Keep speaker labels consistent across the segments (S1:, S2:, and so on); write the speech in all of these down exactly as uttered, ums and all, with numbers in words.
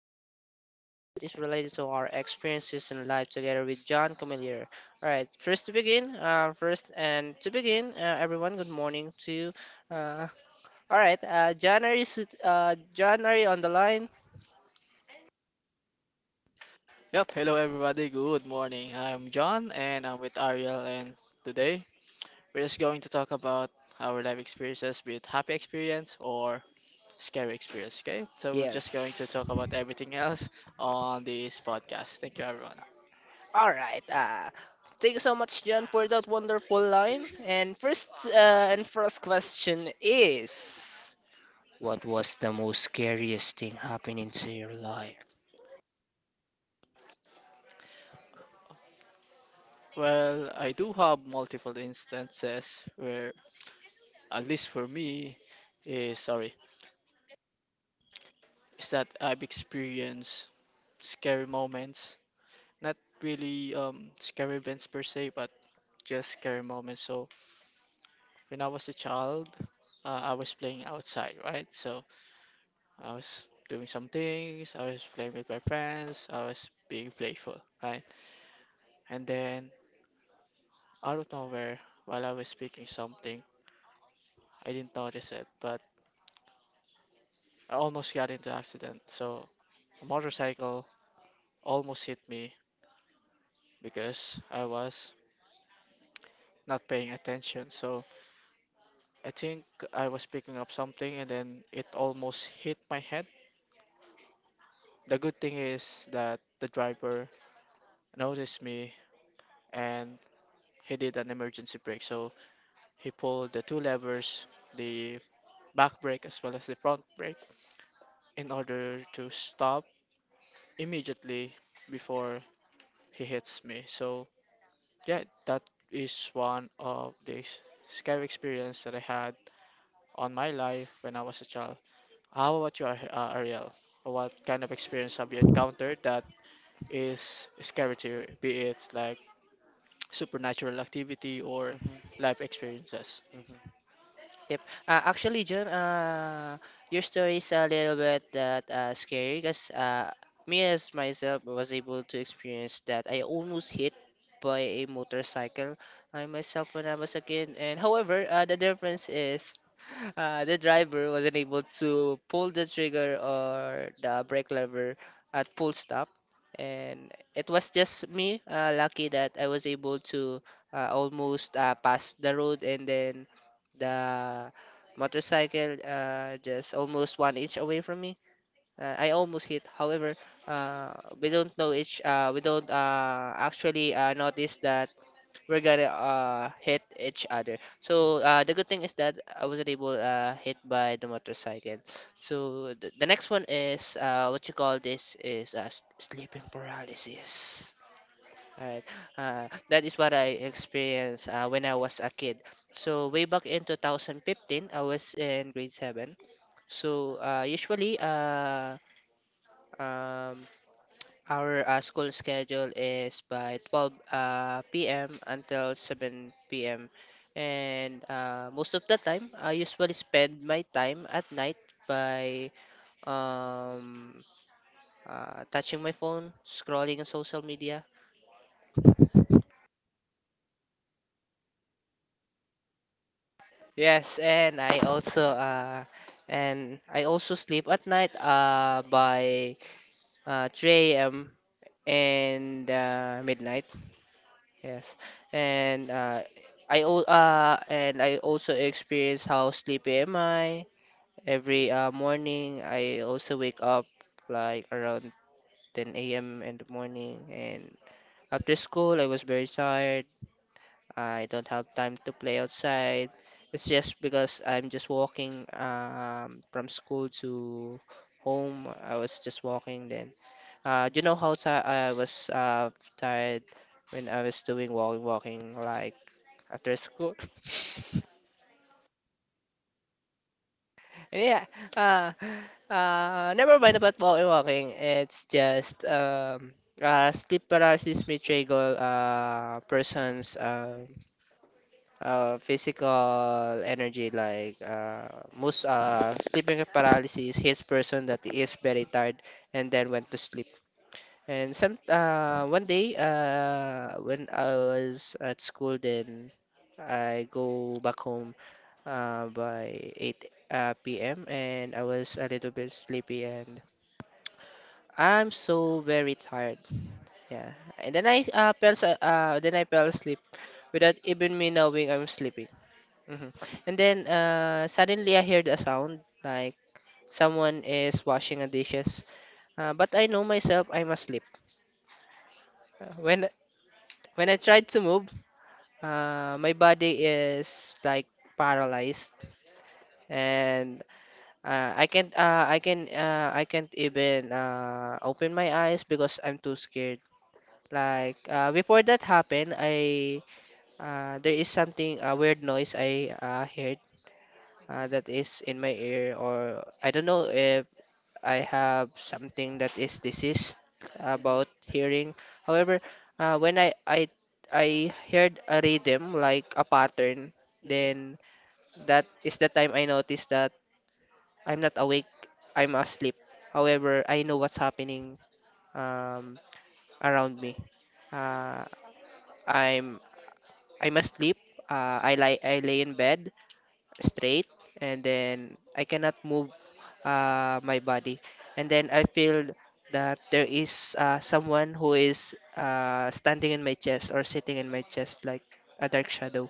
S1: about uh, anything that is related to our experiences in life together with John Camillier. Alright, first to begin, uh, first and to begin, uh, everyone, good morning to you. Uh, Alright, uh, John, are you, sit- uh, John, are you on the line?
S2: Yep, hello everybody, good morning. I'm John and I'm with Ariel and today we're just going to talk about our life experiences with happy experience or scary experience, okay? So we're just going to
S1: Yes.
S2: talk about everything else on this podcast. Thank you everyone.
S1: Alright, uh, thank you so much, John, for that wonderful line. And first, uh, and first question is, what was the most scariest thing happening to your life?
S2: Well, I do have multiple instances where at least for me is sorry, is that I've experienced scary moments. Not really um scary events per se, but just scary moments. So when I was a child, uh, I was playing outside, right? So I was doing some things, I was playing with my friends, I was being playful, right? And then out of nowhere, while I was speaking something, I didn't notice it, but I almost got into accident. So a motorcycle almost hit me because I was not paying attention. So I think I was picking up something and then it almost hit my head. The good thing is that the driver noticed me and he did an emergency brake. So he pulled the two levers, the back brake as well as the front brake, in order to stop immediately before he hits me. So yeah, that is one of the scary experience that I had on my life when I was a child. How about you, Ar- uh, Ariel? What kind of experience have you encountered that is scary to you, be it like supernatural activity or
S1: Mhm,
S2: life experiences?
S1: mhm. Yep. Uh, actually, John, uh, your story is a little bit that uh, scary because uh, me as myself was able to experience that I almost hit by a motorcycle I myself when I was a kid. And however, uh, the difference is uh, the driver wasn't able to pull the trigger or the brake lever at full stop. And it was just me uh, lucky that I was able to uh, almost uh, pass the road and then the motorcycle uh, just almost one inch away from me. Uh, I almost hit. However, uh, we don't know each. Uh, we don't uh, actually uh, notice that we're gonna uh, hit each other. So uh, the good thing is that I wasn't able uh, hit by the motorcycle. So th- the next one is uh, what you call this is uh, s- sleeping paralysis. All right. Uh, that is what I experienced uh, when I was a kid. So way back in twenty fifteen, I was in grade seven. So uh, usually, uh, um, our uh, school schedule is by twelve uh, p m until seven p m. And uh, most of the time, I usually spend my time at night by um, uh, touching my phone, scrolling on social media. Yes, and I also uh and I also sleep at night uh by uh three a m and uh, midnight. Yes. And uh I al- uh and I also experience how sleepy am I every uh morning. I also wake up like around ten a m in the morning, and after school I was very tired. I don't have time to play outside. It's just because I'm just walking um, from school to home. I was just walking then. Uh, you know how ti I was uh, tired when I was doing walking, walking like after school? Yeah. Uh, uh, never mind about walking, walking. It's just um, uh, sleep paralysis, betrayal, uh, persons. Um uh, physical energy like uh, most uh, sleeping paralysis hits person that is very tired and then went to sleep. And some uh, one day uh, when I was at school, then I go back home uh, by eight uh, p m and I was a little bit sleepy and I'm so very tired. Yeah, and then I uh, fell, s- uh, then I fell asleep without even me knowing I'm sleeping. hmm And then uh, suddenly I heard a sound like someone is washing a dishes. Uh, but I know myself, I'm asleep. Uh, when when I tried to move, uh, my body is like paralyzed, and uh, I can't uh, I can uh, I can't even uh, open my eyes because I'm too scared. Like uh, before that happened, I uh, there is something, a weird noise I uh, heard uh, that is in my ear, or I don't know if I have something that is diseased about
S2: Mm-hmm.
S1: hearing. However, uh, when I, I I heard a rhythm like a pattern,
S2: Mm-hmm.
S1: then that is the time I noticed that I'm not awake, I'm asleep. However, I know what's happening um, around me. Uh, I'm I'm asleep. Uh, I lie I lay in bed straight, and then I cannot move uh, my body. And then I feel that there is uh, someone who is uh, standing in my chest or sitting in my chest like a dark shadow.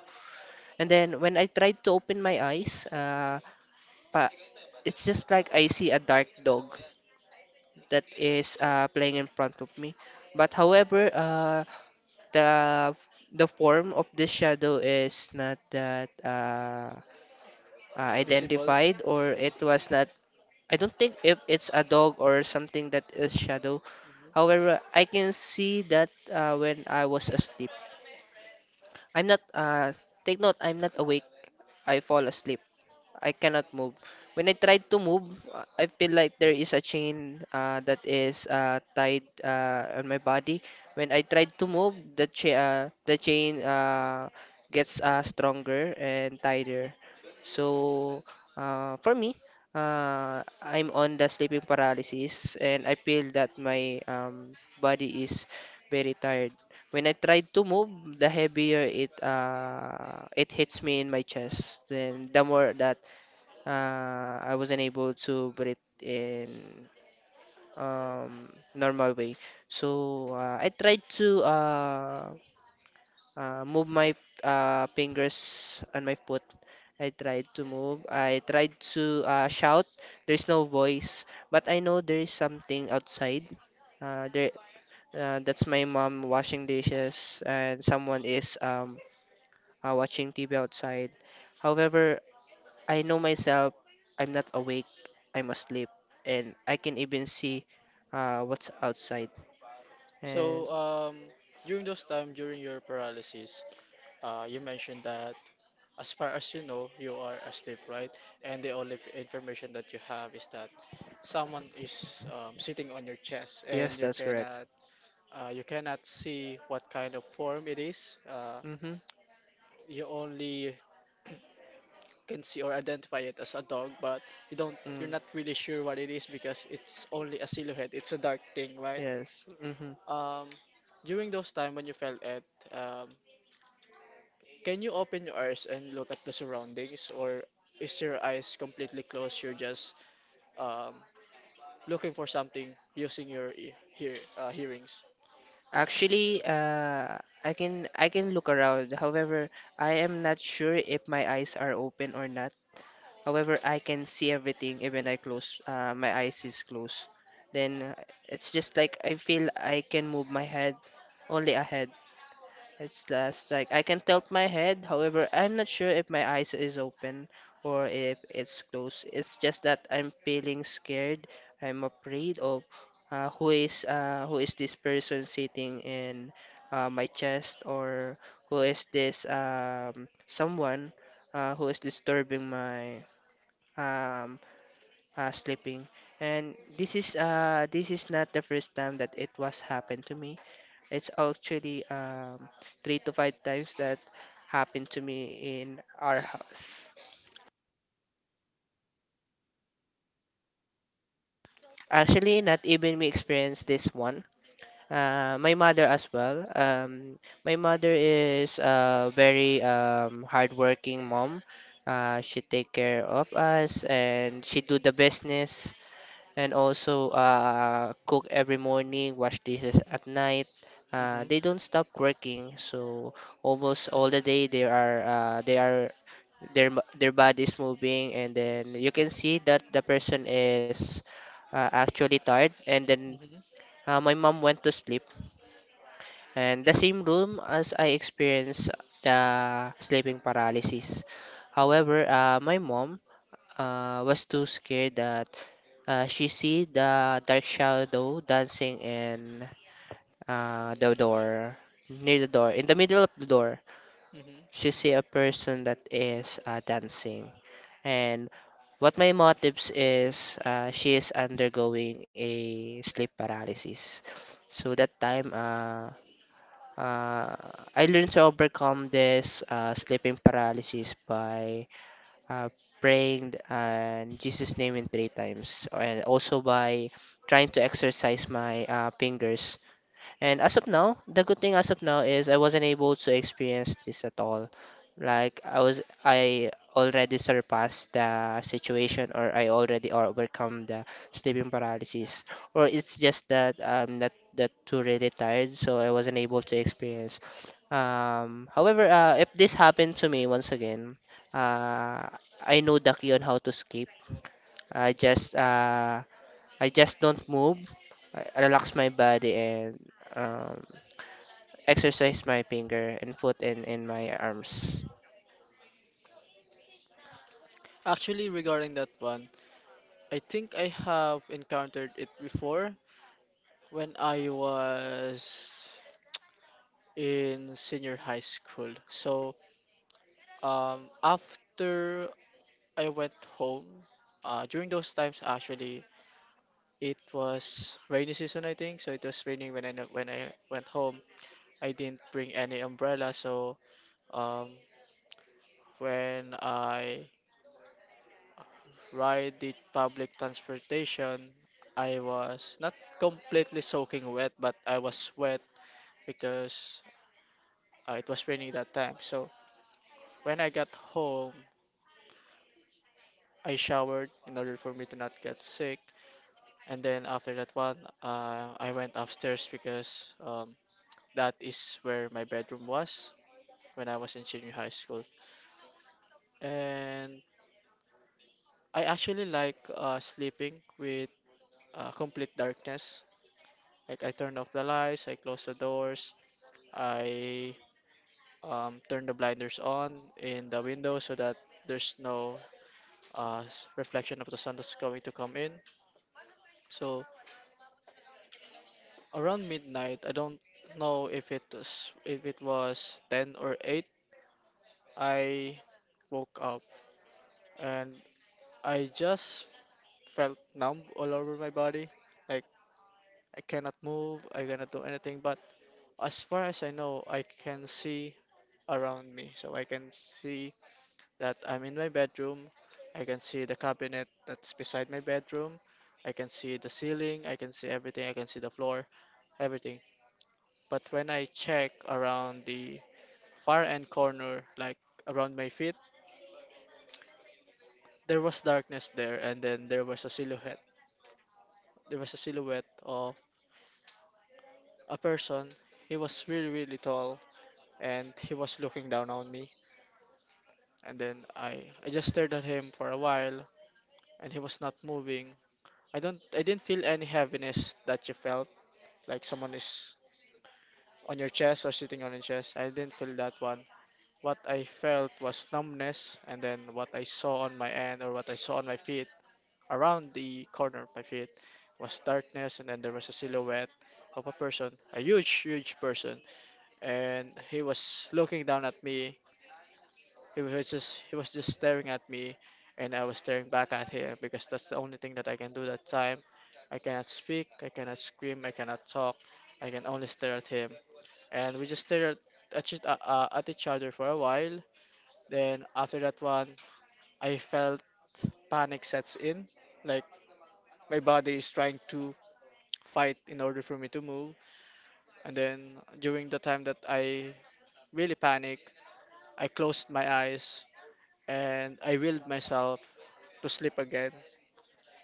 S1: And then when I tried to open my eyes, uh, pa- it's just like I see a dark dog that is uh, playing in front of me. But however, uh, the the form of this shadow is not that uh, uh,
S2: Visible.
S1: identified, or it was not. I don't think if it's a dog or something that is shadow.
S2: Mhm.
S1: However, I can see that uh, when I was asleep. I'm not, uh, take note, I'm not awake. I fall asleep. I cannot move. When I try to move, uh, I feel like there is a chain uh, that is uh, tied uh, on my body. When I try to move, the cha- uh, the chain uh, gets uh, stronger and tighter. So uh, for me, uh, I'm on the sleeping paralysis, and I feel that my um, body is very tired. When I try to move, the heavier it uh, it hits me in my chest. Then the more that uh, I wasn't able to breathe in um, normal way. So uh, I tried to uh, uh, move my uh, fingers on my foot. I tried to move. I tried to uh, shout. There's no voice, but I know there is something outside. Uh, there, uh, that's my mom washing dishes, and someone is um, uh, watching T V outside. However, I know myself, I'm not awake, I'm asleep, and I can even see uh, what's outside. And
S2: So, um, during those time, during your paralysis, uh, you mentioned that as far as you know, you are asleep, right? And the only information that you have is that someone is um, sitting on your chest, and
S1: yes,
S2: you
S1: that's correct.
S2: cannot, uh, you cannot see what kind of form it is. Uh,
S1: Mm-hmm.
S2: you only can see or identify it as a dog, but you don't, you're
S1: Mm,
S2: not really sure what it is because it's only a silhouette. It's a dark thing, right?
S1: yes. Mm-hmm.
S2: Um, during those time when you felt it, um, can you open your eyes and look at the surroundings, or is your eyes completely closed? You're just um, looking for something using your e- hear uh, hearings.
S1: Actually, uh, I can I can look around. However, I am not sure if my eyes are open or not. However, I can see everything, even I close uh, my eyes is closed. Then uh, it's just like I feel I can move my head only ahead. It's last like I can tilt my head, however, I'm not sure if my eyes is open or if it's closed. It's just that I'm feeling scared. I'm afraid of uh, who is uh, who is this person sitting in uh, my chest, or who is this um, someone uh, who is disturbing my um, uh, sleeping. And this is uh, this is not the first time that it was happened to me. It's actually um, three to five times that happened to me in our house. Actually, not even we experienced this one. Uh, my mother as well. Um, my mother is a very um, hardworking mom. Uh, she take care of us and she do the business, and also uh, cook every morning, wash dishes at night. Uh,
S2: Mhm.
S1: they don't stop working, so almost all the day they are uh, they are their m- their body is moving, and then you can see that the person is uh, actually tired. And then
S2: Mhm.
S1: uh, my mom went to sleep, and the same room as I experienced the sleeping paralysis.
S2: Mhm.
S1: However, uh, my mom uh, was too scared that uh, she see the dark shadow dancing in uh, the door, near the door, in the middle of the door.
S2: Mhm.
S1: She see a person that is uh, dancing, and what my motives is uh, she is undergoing a sleep paralysis. So that time, uh, uh, I learned to overcome this uh, sleeping paralysis by uh, praying and Jesus' name in three times, and also by trying to exercise my uh, fingers, and as of
S2: Mhm.
S1: now, the good thing as of now is I wasn't able to experience this at all. Like I was, I already surpassed the situation, or I already or overcome the sleeping paralysis, or it's just that I'm not that too really tired, so I wasn't able to experience. Um, however, uh, if this happened to me once again, uh, I know the key on how to escape. I just, uh, I just don't move. I I relax my body and um, exercise my finger and foot in in my arms.
S2: Actually, regarding that one, I think I have encountered it before when I was in senior high school. So, um, after I went home. Uh, during those times, actually, it was rainy season, I think. So it was raining when I n- when I went home. I didn't bring any umbrella, so um, when I ride the public transportation, I was not completely soaking wet, but I was wet because uh, it was raining that time. So when I got home, I showered in order for me to not get sick. And then after that one, uh, I went upstairs because um, that is where my bedroom was when I was in senior high school. And I actually like uh, sleeping with uh, complete darkness. Like I turn off the lights, I close the doors, I um, turn the blinders on in the window so that there's no uh, s- reflection of the sun that's going to come in. So around midnight, I don't know if it was if it was ten or eight. I woke up and I just felt numb all over my body. Like I cannot move, I cannot do anything. But as far as I know, I can see around me. So I can see that I'm in my bedroom. I can see the cabinet that's beside my bedroom. I can see the ceiling. I can see everything. I can see the floor, everything. But when I check around the far end corner, like around my feet, there was darkness there, and then there was a silhouette there was a silhouette of a person. He was really, really tall and he was looking down on me. And then I, I just stared at him for a while and he was not moving. I don't I didn't feel any heaviness that you felt, like someone is on your chest or sitting on your chest. I didn't feel that one. What I felt was numbness and then what I saw on my end or what I saw on my feet around the corner of my feet was darkness and then there was a silhouette of a person, a huge, huge person and he was looking down at me. He was just he was just staring at me, and I was staring back at him because that's the only thing that I can do that time. I cannot speak, I cannot scream, I cannot talk. I can only stare at him, and we just stared at, at, each- uh, uh, at each other for a while. Then after that one, I felt panic sets in, like my body is trying to fight in order for me to move. And then during the time that I really panic, I closed my eyes and I willed myself to sleep again.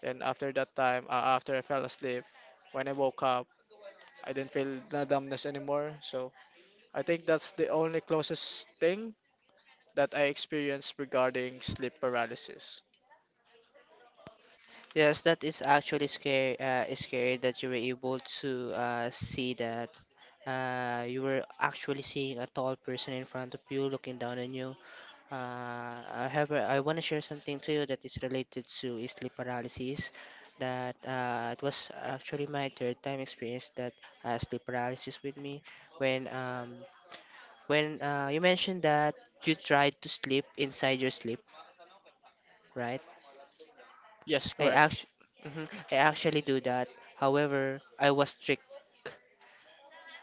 S2: Then after that time, uh, after I fell asleep, when I woke up, I didn't feel the numbness anymore. So I think that's the only closest thing that I experienced regarding sleep paralysis.
S1: Yes, that is actually scary. Uh, is scary that you were able to uh, see that uh, you were actually seeing a tall person in front of you looking down on you. Uh, however, I want to share something to you that is related to sleep paralysis. That uh, it was actually my third time experience that uh, sleep paralysis with me when um when uh, you mentioned that you tried to sleep inside your sleep, right?
S2: Yes,
S1: I
S2: correct.
S1: actually, I actually do that. However, I was strict.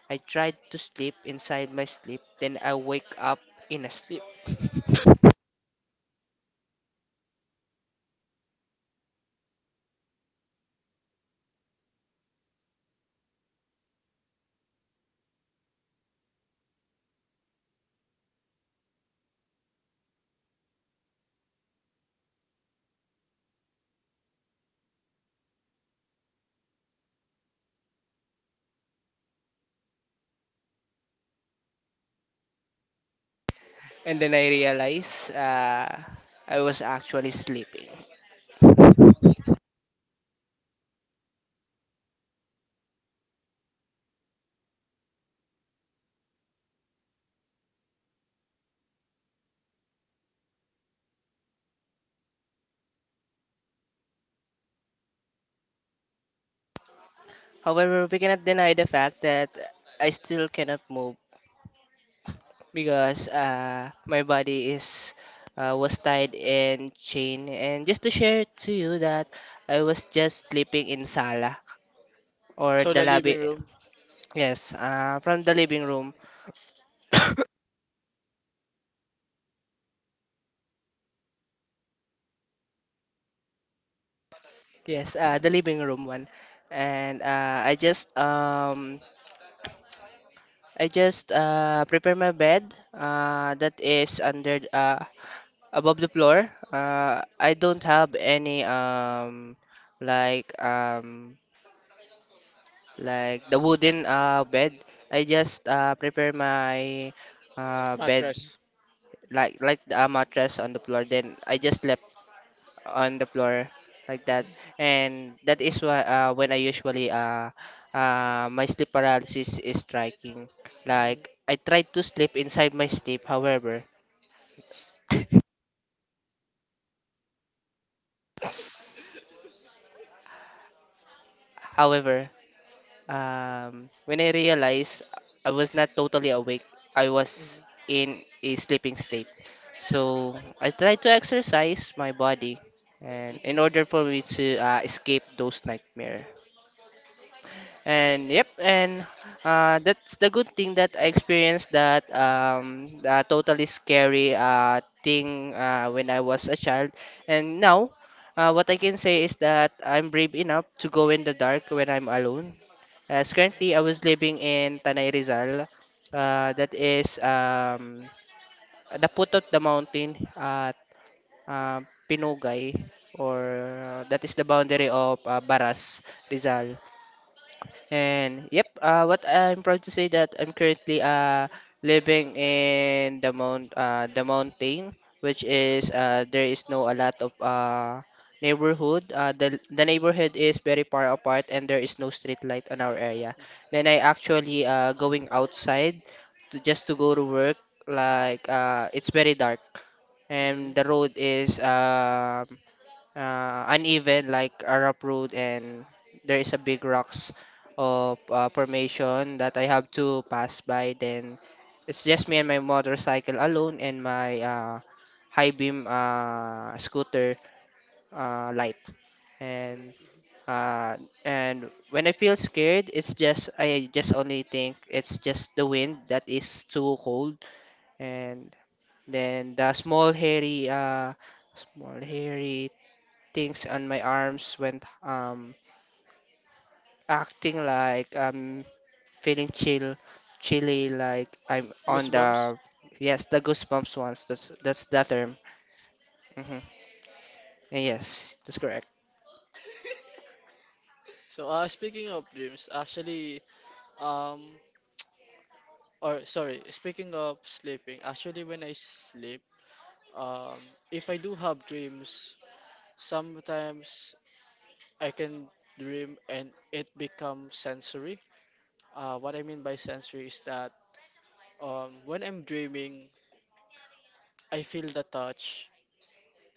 S1: I tried to sleep inside my sleep, then I wake up in a sleep. And then I realized uh, I was actually sleeping. However, we cannot deny the fact that I still cannot move because uh, my body is uh, was tied and chained. And just to share to you that I was just sleeping in sala or
S2: So
S1: the
S2: the
S1: lobby.
S2: living room.
S1: Yes, uh, from the living room. Yes, uh, the living room one. And uh, I just um I just uh prepare my bed uh that is under uh above the floor. Uh I don't have any um like um like the wooden uh bed. I just uh prepare my uh bed
S2: Mattress.
S1: like like a mattress on the floor, then I just left on the floor like that.
S2: Hmm.
S1: And that is why, uh, when i usually uh, uh my sleep paralysis is striking. Like,
S2: Hmm.
S1: I tried to sleep inside my sleep, however however um when I realized I was not totally awake, I was
S2: Hmm.
S1: in a sleeping state. So I tried to exercise my body, and
S2: Hmm.
S1: in order for
S2: Hmm.
S1: me to uh, escape those nightmare. And yep, and uh, that's the good thing that I experienced, that um, uh, totally scary uh, thing uh, when I was a child. And now, uh, what I can say is that I'm brave enough to go in the dark when I'm alone. As currently, I was living in Tanay Rizal. Uh, that is, um, the foot of the mountain at uh, Pinugay, or uh, that is the boundary of uh, Baras, Rizal. And yep, uh, what I'm proud to say that I'm currently uh living in the mount uh the mountain, which is, uh, there is no a lot of uh neighborhood. Uh, the the neighborhood is very far apart, and there is no street light on our area. Then I actually uh going outside to just to go to work. Like, uh, it's very dark and the road is, um uh, uneven, like a rough road, and there is a big rocks of uh, formation that I have to pass by. Then it's just me and my motorcycle alone, and my uh, high beam uh, scooter uh, light. And uh, and when I feel scared, it's just I just only think it's just the wind that is too cold. And then the small hairy, uh, small hairy things on my arms went um acting like I'm feeling chill, chilly, like I'm on
S2: Goosebumps.
S1: the yes the goosebumps ones. That's that's the term. Hmm. Yes, that's correct.
S2: So uh, speaking of dreams, actually, um, or sorry, speaking of sleeping, actually when I sleep, um, if I do have dreams, sometimes I can dream and it becomes sensory. Uh, what I mean by sensory is that um, when I'm dreaming, I feel the touch,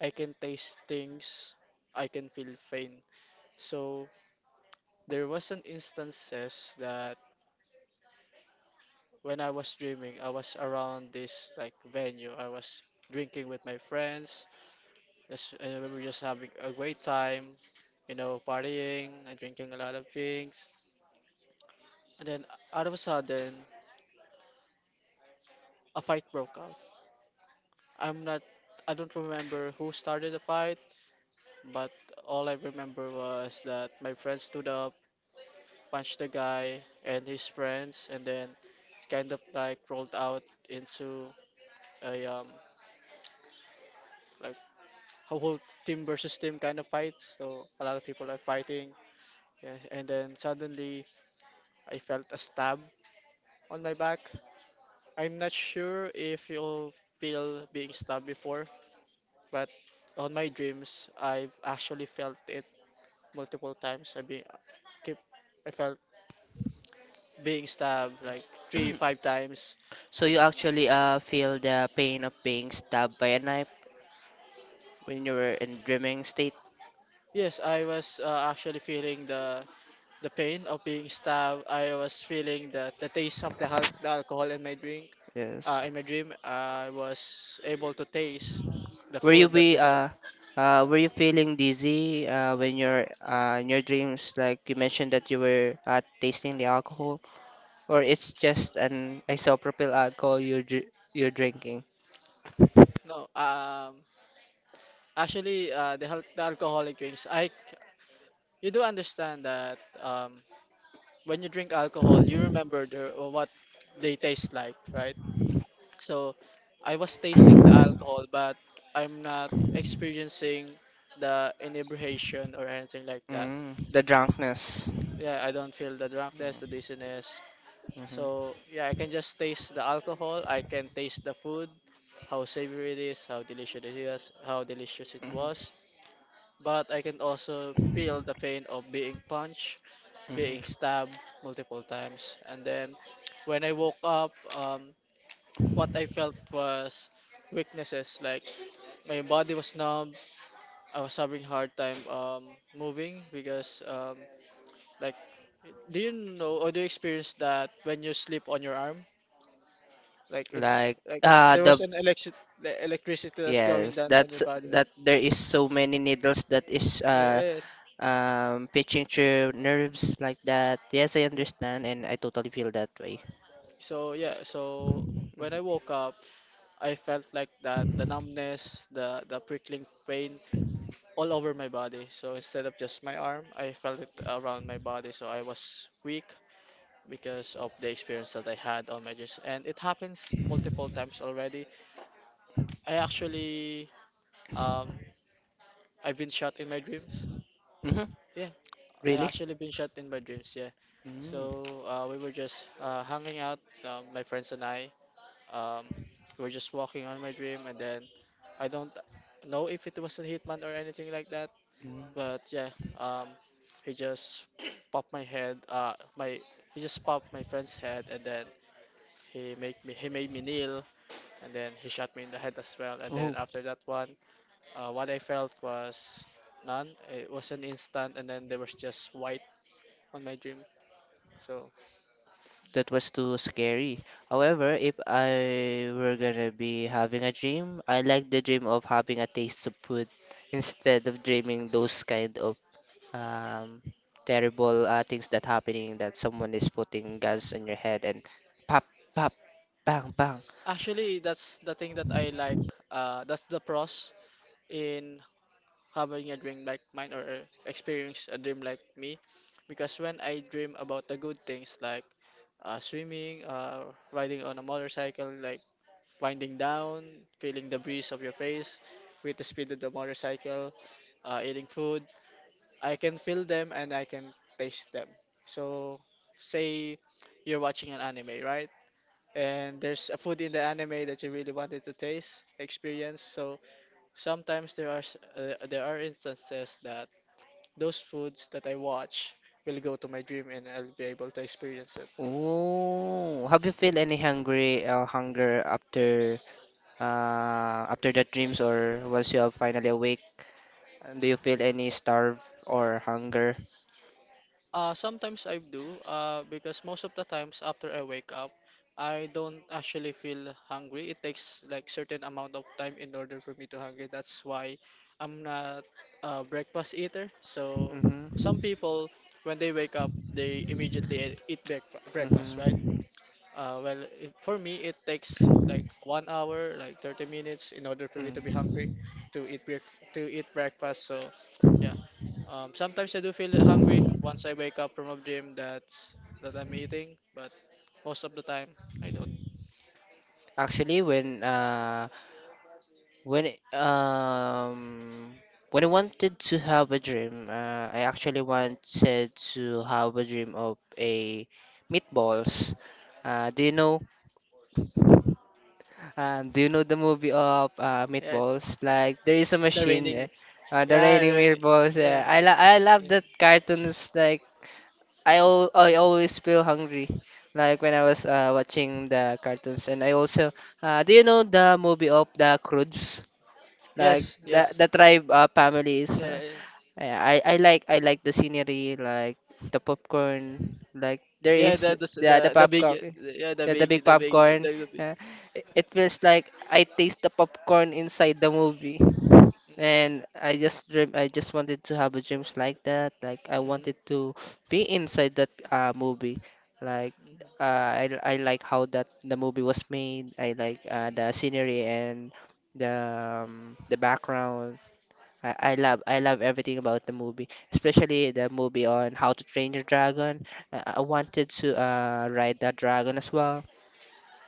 S2: I can taste things, I can feel pain. So there was an instances that when I was dreaming, I was around this like venue. I was drinking with my friends, just and we were just having a great time, you know, partying and drinking a lot of drinks. And then out of a sudden, a fight broke out. I'm not, I don't remember who started the fight, but all I remember was that my friend stood up, punched the guy and his friends, and then it's kind of like rolled out into a um like a whole team versus team kind of fight. So a lot of people are fighting. Yes, and then suddenly I felt a stab on my back. I'm not sure if you'll feel being stabbed before, but on my dreams, I've actually felt it multiple times. I being keep I felt being stabbed like three, five times.
S1: So
S2: And
S1: you actually uh feel the pain of being stabbed by a knife when you were in dreaming state.
S2: yes, I was uh, actually feeling the the pain of being stabbed. I was feeling the the taste of the, al- the alcohol in my drink.
S1: Yes.
S2: Uh, in my dream, I was able to taste the
S1: Were you
S2: food that we
S1: be
S2: had.
S1: uh uh were you feeling dizzy uh when you're uh in your dreams, like you mentioned that you were uh tasting the alcohol? Or it's just an isopropyl alcohol you're dr- you're drinking.
S2: No, um, actually, uh, the, hal- the alcoholic drinks. I, c- you do understand that um, when you drink alcohol, you remember the, what they taste like, right? So, I was tasting the alcohol, but I'm not experiencing the inebriation or anything like that.
S1: Mm, the drunkenness.
S2: Yeah, I don't feel the drunkenness, the dizziness.
S1: Hmm.
S2: So yeah, I can just taste the alcohol. I can taste the food, how savory it is, how delicious it is, how delicious it
S1: Hmm.
S2: was. But I can also feel the pain of being punched, being
S1: Hmm.
S2: stabbed multiple times. And then when I woke up, um, what I felt was weaknesses. Like my body was numb. I was having hard time um, moving because um, like do you know or do you experience that when you sleep on your arm? Like it's
S1: Like
S2: like it's
S1: uh
S2: there
S1: the
S2: was an electric the electricity that's going
S1: yes,
S2: down on your
S1: that's
S2: body.
S1: that there is so many needles that is, uh
S2: Yes.
S1: um pitching through nerves like that. Yes, I
S2: Yeah.
S1: understand and I totally feel that way.
S2: So yeah, so when I woke up, I felt like that the numbness, the the prickling pain all over my body. So instead of just my arm, I felt it around my body. So I was weak because of the experience that I had on my juice. And it happens multiple times already. I actually um I've been shot in my dreams.
S1: Mm-hmm.
S2: Yeah, I
S1: Really?
S2: actually been shot in my dreams. Yeah,
S1: Mm-hmm.
S2: so uh, we were just uh, hanging out, uh, my friends and I. Um, we were just walking on my dream, and then I don't know if it was a hitman or anything like that. But yeah, um, he just popped my head. Uh, my he just popped my friend's head, and then he make me he made me kneel, and then he shot me in the head as well. And then after that one, uh, what I felt was none. It was an instant, and then there was just white on my dream. So
S1: That was too scary. However, if I were gonna be having a dream, I like the dream of having a taste of food instead of dreaming those kind of, um, terrible uh, things that happening, that someone is putting guns on your head and pop, pop, bang, bang.
S2: actually, that's the thing that I like. Uh, that's the pros in having a dream like mine or uh, experience a dream like me, because when I dream about the good things like uh, swimming, uh, riding on a motorcycle, like winding down, feeling the breeze of your face with the speed of the motorcycle, uh, eating food, I can feel them and I can taste them. So say you're watching an anime, right? And there's a food in the anime that you really wanted to taste, experience. So sometimes there are s- uh, there are instances that those foods that I watch will go to my dream and I'll be able to experience it.
S1: Oh, have you feel any hungry uh, hunger after uh, after the dreams, or once you are finally awake? Uh, Do you feel any starve or hunger?
S2: Uh, sometimes I do, uh, because most of the times after I wake up, I don't actually feel hungry. It takes like certain amount of time in order for me to hungry. That's why I'm not a breakfast eater. So some
S1: Mm-hmm.
S2: people, when they wake up, they immediately e- eat breakf breakfast, right?
S1: Mm-hmm.
S2: Uh, well, it, for me, it takes like one hour, like thirty minutes, in order for me to be hungry
S1: Mm.
S2: to eat break to eat breakfast. So, yeah. Um, sometimes I do feel hungry once I wake up from a dream that's that I'm eating, but most of the time I don't.
S1: Actually, when uh when um when I wanted to have a dream, uh, I actually wanted to have a dream of a meatballs. Uh, do you know? Um, do you know the movie of uh,
S2: Yes,
S1: meatballs? Like there is a
S2: the
S1: machine,
S2: raining.
S1: uh, uh, the
S2: Yeah, the
S1: raining
S2: raining.
S1: meatballs.
S2: Yeah,
S1: Uh, I
S2: yeah,
S1: lo I love
S2: yeah.
S1: that cartoons like. I al I always feel hungry, like when I was uh, watching the cartoons. And I also, uh, do you know the movie of the Croods? Like
S2: Yes,
S1: the
S2: yes.
S1: the tribe uh, families.
S2: Yeah,
S1: Uh,
S2: yeah.
S1: yeah, I I like I like the scenery, like the popcorn, like there
S2: Yeah,
S1: is
S2: the the s-
S1: yeah the
S2: the, the big,
S1: popcorn,
S2: yeah, the
S1: yeah the big
S2: big the big the,
S1: popcorn.
S2: the big.
S1: Uh, it it feels like I taste the popcorn inside the movie.
S2: Mm-hmm,
S1: And I just dream. I just wanted to have a dreams like that. Like, I
S2: mm-hmm,
S1: wanted to be inside that uh, movie. Like
S2: mm-hmm.
S1: uh, I I like how that the movie was made. I like, uh, the scenery, and the, um, the background. I, I love I love everything about the movie, especially the movie on How to Train Your Dragon. I, I wanted to uh, ride that dragon as well,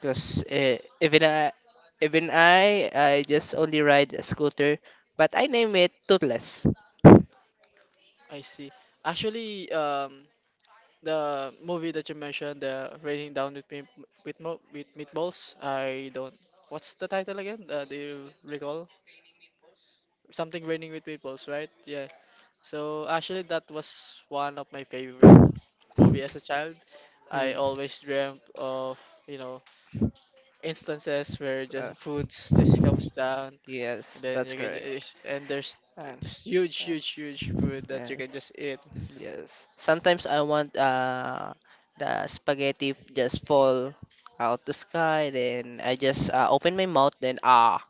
S1: because uh, even I even I I just only ride a scooter, but I name it Toothless.
S2: I see. Actually, um, the movie that you mentioned, the Raining Down with Meat- with Mo with Meatballs, I don't. What's the title again? Uh, do you recall? Something Raining with Meatballs, right? Yeah. So actually, that was one of my favorite movie as a child. I
S1: Hmm.
S2: always dreamt of, you know, instances where just
S1: Yes,
S2: foods just comes down, and
S1: yes,
S2: then
S1: that's
S2: you can
S1: correct.
S2: just, and there's
S1: And,
S2: this huge,
S1: uh,
S2: huge, huge food
S1: yeah.
S2: that you can just eat.
S1: Yes. Sometimes I want uh the spaghetti just fall out the sky, then I just uh, open my mouth, then ah.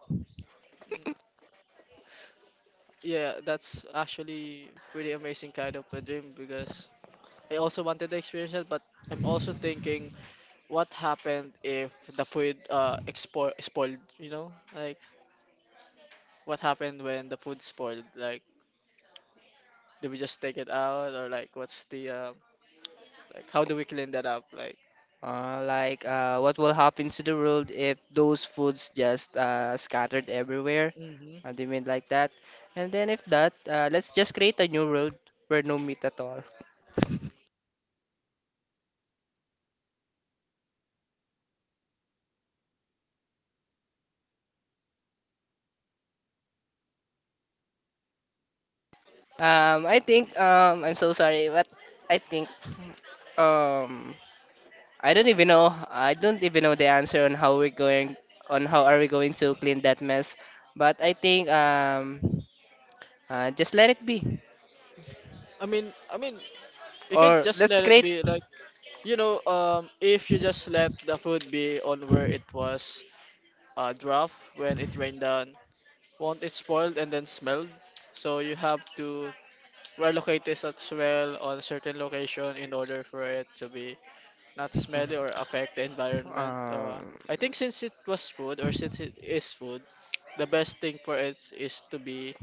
S2: Yeah, that's actually pretty amazing kind of a dream because I also wanted to experience it, but I'm also thinking what happened if the food uh expo spoiled, you know? Like what happened when the food spoiled? Like do we just take it out or like what's the um like how do we clean that up? Like
S1: Uh, like, uh, what will happen to the world if those foods just uh, scattered everywhere?
S2: hmm
S1: Uh, do you mean like that? And then if that, uh, let's just create a new world where no meat at all. Um, I think, um, I'm so sorry, but I think, um, I don't even know. I don't even know the answer on how we're going, on how are we going to clean that mess. But I think, um uh, just let it be
S2: I mean I mean you can
S1: or
S2: just
S1: let's
S2: let it
S1: create
S2: be, like, you know um if you just let the food be on where it was uh, draft when it rained down, won't it spoiled and then smelled. So you have to relocate this as well on a certain location in order for it to be not smelly or affect the environment. So, Uh,
S1: um
S2: I think since it was food or since it is food, the best thing for it is to be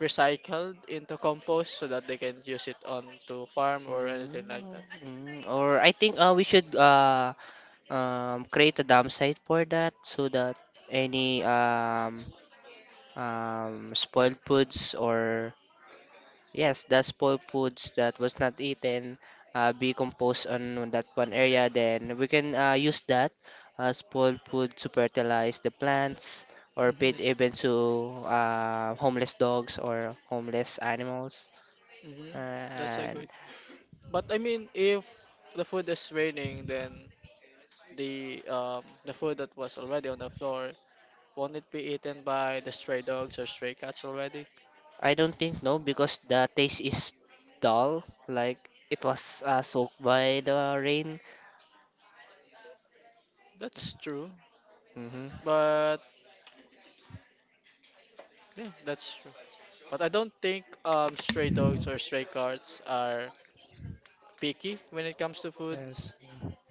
S2: recycled into compost so that they can use it on to farm or anything like
S1: mm,
S2: that.
S1: mm, or I think uh, we should uh um create a dump site for that, so that any um um spoiled foods or yes, the spoiled foods that was not eaten uh, be composed on that one area. Then we can uh, use that uh, spoiled food to fertilize the plants, or
S2: Hmm.
S1: feed even to uh, homeless dogs or homeless animals.
S2: Hmm.
S1: Uh,
S2: That's a
S1: and
S2: good. But I mean, if the food is raining, then the um the food that was already on the floor, won't it be eaten by the stray dogs or stray cats already?
S1: I don't think no, because the taste is dull, like it was uh, soaked by the rain.
S2: That's true.
S1: Mm-hmm.
S2: But yeah, that's true. But I don't think um stray dogs or stray cats are picky when it comes to food.
S1: Yes.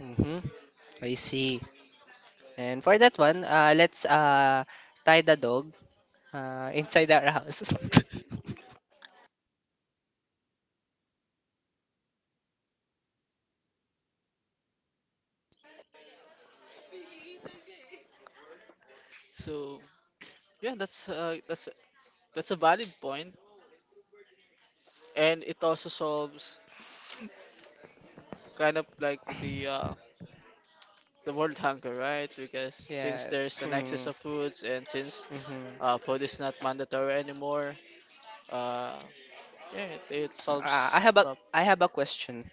S1: Mm-hmm. I see. And for that one, uh, let's, uh, tie the dog uh, inside that house.
S2: So yeah, that's uh, that's that's a valid point, and it also solves kind of like the uh, the world hunger, right? Because since
S1: Yes.
S2: there's an excess
S1: Mm,
S2: of foods, and since
S1: hmm.
S2: uh, food is not mandatory anymore, uh, yeah, it, it
S1: Uh,
S2: solves
S1: I have a
S2: a
S1: I have a question.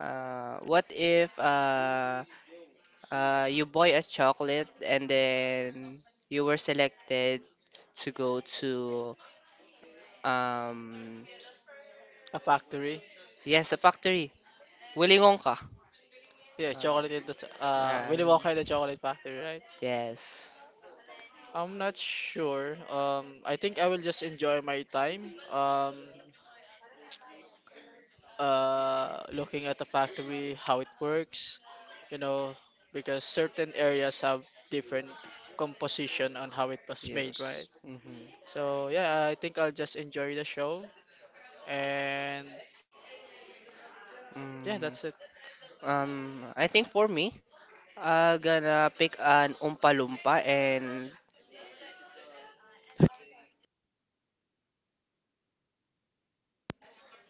S1: Uh, what if, uh, uh, you buy a chocolate and then you were selected to go to um
S2: a factory.
S1: yes a factory. Willy Wonka.
S2: Yeah,
S1: Uh,
S2: chocolate in the t- uh
S1: yeah.
S2: Willy Wonka in the Chocolate Factory, right?
S1: Yes.
S2: I'm not sure. Um, I think I will just enjoy my time. Um, uh, looking at the factory, how it works, you know, because certain areas have different composition on how it was made, right?
S1: Yes. Mm-hmm.
S2: So yeah, I think I'll just enjoy the show, and yeah,
S1: Mm,
S2: that's it.
S1: um, I think for me, I'm gonna pick an Oompa Loompa and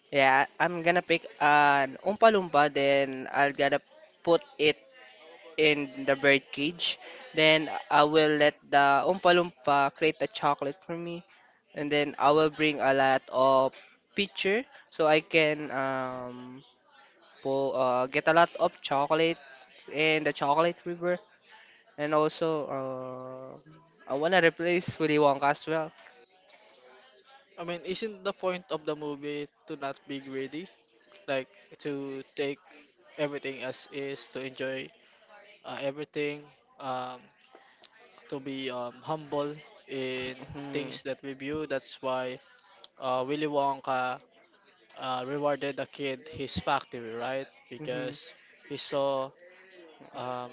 S1: yeah, I'm gonna pick an Oompa Loompa, then I'll gonna put it in the bird cage. Then I will let the Oompa Loompa create the chocolate for me, and then I will bring a lot of pitcher so I can um po uh, get a lot of chocolate in the chocolate river, and also, uh, I wanna replace Willy Wonka as well.
S2: I mean, isn't the point of the movie to not be greedy, like to take everything as is to enjoy uh, everything, um, to be um, humble in
S1: Hmm.
S2: things that we view. That's why uh, Willy Wonka uh, rewarded the kid his factory, right?
S1: Hmm.
S2: Because he saw um,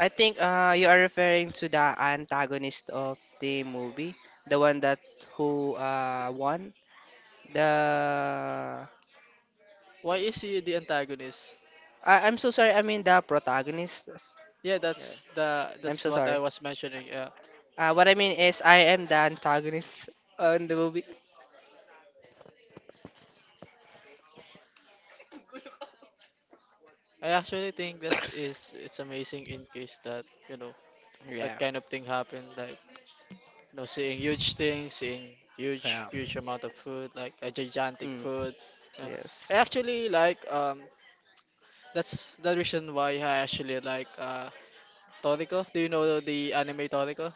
S1: I think uh, you are referring to the antagonist of the movie, the one that who uh, won the.
S2: why is he the antagonist?
S1: I, I'm so sorry. I mean the protagonist.
S2: Yeah,
S1: Yeah.
S2: that's the
S1: I'm
S2: that's
S1: so
S2: what
S1: sorry.
S2: I was mentioning. Uh,
S1: Uh, what I mean is I am the antagonist on the movie.
S2: I actually think that's is it's amazing in case that you know
S1: Yeah.
S2: that kind of thing happened. Like, you know, seeing huge things, seeing huge,
S1: Yeah.
S2: huge amount of food, like a gigantic
S1: Mm.
S2: food. Yeah.
S1: Yes.
S2: I actually like um That's the reason why I actually like uh Toriko. Do you know the anime Toriko?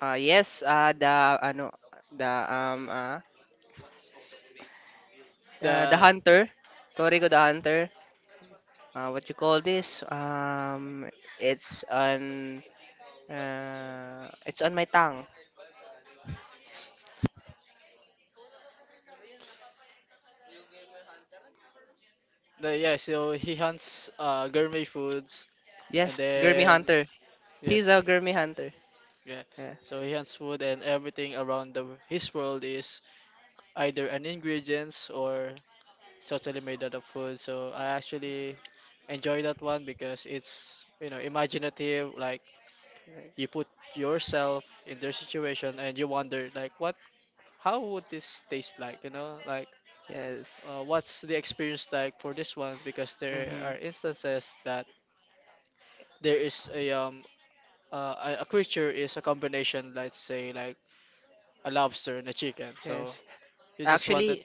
S1: Uh, yes. Uh, the ano the um uh, uh the
S2: The
S1: hunter, Toriko the hunter. Uh, what you call this? Um, it's an uh, it's on my tongue.
S2: the yeah, so he hunts uh gourmet foods, and
S1: Yes, Gurmy
S2: then
S1: Hunter. He's
S2: yes,
S1: a Gurmy Hunter.
S2: yeah.
S1: Yeah.
S2: So he hunts food and everything around the his world is either an ingredients or totally made out of food. So I actually enjoy that one because it's, you know, imaginative. Like you put yourself in their situation and you wonder, like, what, how would this taste like? You know, like,
S1: Yes.
S2: uh, what's the experience like for this one? Because there
S1: Mm-hmm.
S2: are instances that there is a um uh, a a creature is a combination, let's say, like a lobster and a chicken. So
S1: Yes.
S2: you just wanted.
S1: Actually,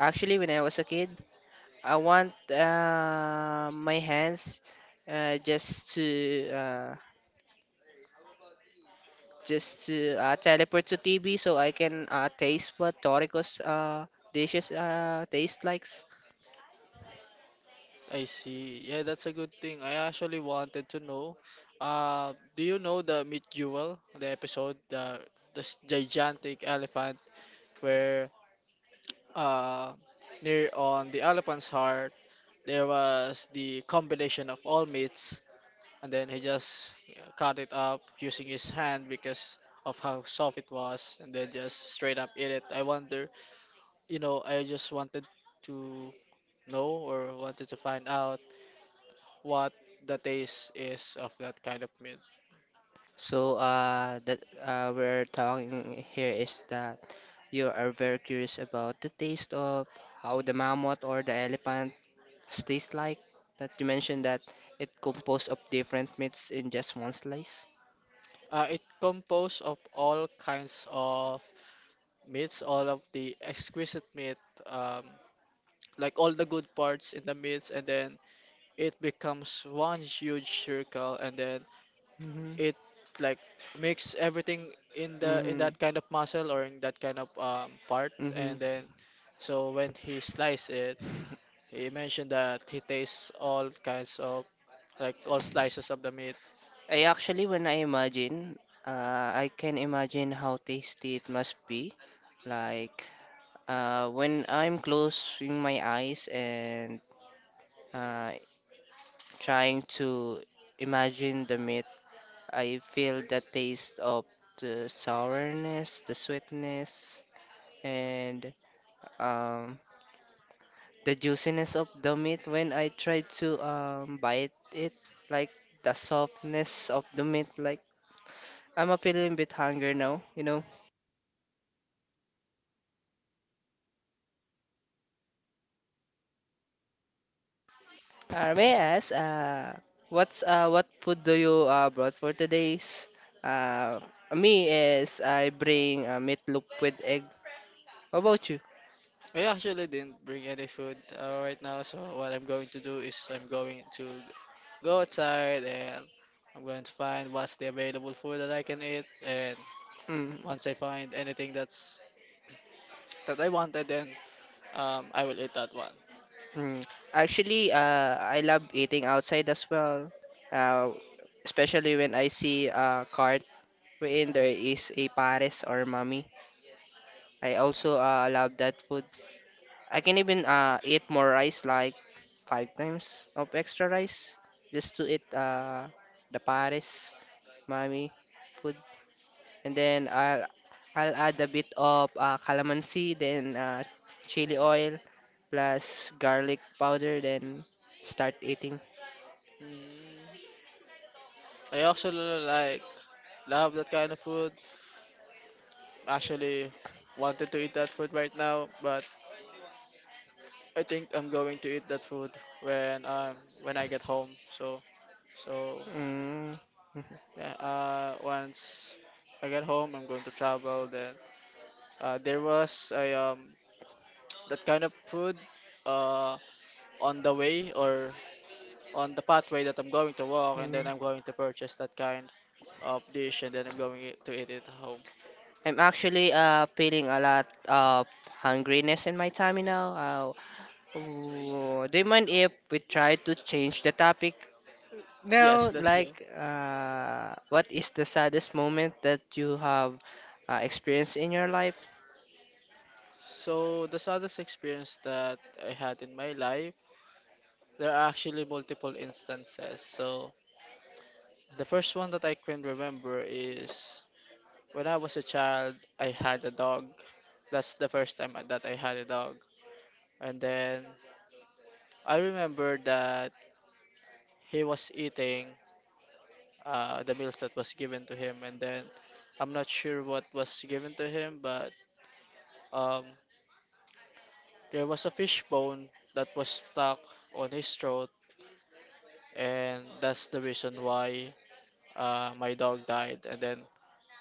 S1: actually, when I was a kid, I want uh, my hands, uh, just to uh, just to uh, teleport to T V so I can uh, taste what Toriko's uh, dishes uh, taste like.
S2: I see. Yeah, that's a good thing. I actually wanted to know. Uh, do you know the Meet Jewel, the episode, the this gigantic elephant where uh near on the elephant's heart there was the combination of all meats, and then he just, yeah, cut it up using his hand because of how soft it was, and then just straight up eat it. I wonder, you know, I just wanted to know or wanted to find out what the taste is of that kind of meat.
S1: So, uh, that uh, we're talking here is that you are very curious about the taste of how the mammoth or the elephant tastes like. That you mentioned that it composed of different meats in just one slice.
S2: Uh, it composed of all kinds of meats, all of the exquisite meat, um, like all the good parts in the meats, and then it becomes one huge circle, and then
S1: Mm-hmm.
S2: it like mix everything in the in
S1: Mm-hmm.
S2: that kind of muscle or in that kind of um, part,
S1: Mm-hmm.
S2: and then so when he sliced it, he mentioned that he tastes all kinds of like all slices of the meat.
S1: I actually, when I imagine, uh, I can imagine how tasty it must be. Like, uh, when I'm closing my eyes and, uh, trying to imagine the meat, I feel the taste of the sourness, the sweetness, and, um, the juiciness of the meat when I try to um, bite it, like the softness of the meat. Like, I'm a feeling bit hungry now, you know. Uh, may I ask, uh, what's, uh, what food do you, uh, brought for today's? Uh, me is I bring uh, meatloaf with egg. How about you?
S2: I actually didn't bring any food uh, right now, so what I'm going to do is I'm going to go outside, and I'm going to find what's the available food that I can eat. And
S1: Mm.
S2: once I find anything that's that I wanted, then um, I will eat that one.
S1: Mm, actually, uh, I love eating outside as well. Uh, especially when I see a cart wherein there is a pares or mami. I also uh, love that food. I can even uh, eat more rice, like five times of extra rice, just to eat uh, the pares mami food, and then I'll I'll add a bit of uh, calamansi, then uh, chili oil, plus garlic powder, then start eating.
S2: Mm, I actually like love that kind of food. Actually, wanted to eat that food right now, but I think I'm going to eat that food when um when I get home. So so
S1: Mm,
S2: yeah, uh, once I get home, I'm going to travel. Then uh, there was a um, that kind of food uh, on the way or on the pathway that I'm going to walk, and then I'm
S1: mm.
S2: going to purchase that kind of dish, and then I'm going i- to eat it at home.
S1: I'm actually, uh, feeling a lot of hungriness in my tummy now. Uh, w- do you mind if we try to change the topic now?
S2: Yes, let's go.
S1: Like, uh, what is the saddest moment that you have uh, experienced in your life?
S2: So the saddest experience that I had in my life, there are actually multiple instances. So the first one that I can remember is, when I was a child, I had a dog. That's the first time I- that I had a dog. And then I remember that he was eating uh, the meals that was given to him. And then I'm not sure what was given to him, but um, there was a fish bone that was stuck on his throat. And that's the reason why uh, my dog died. And then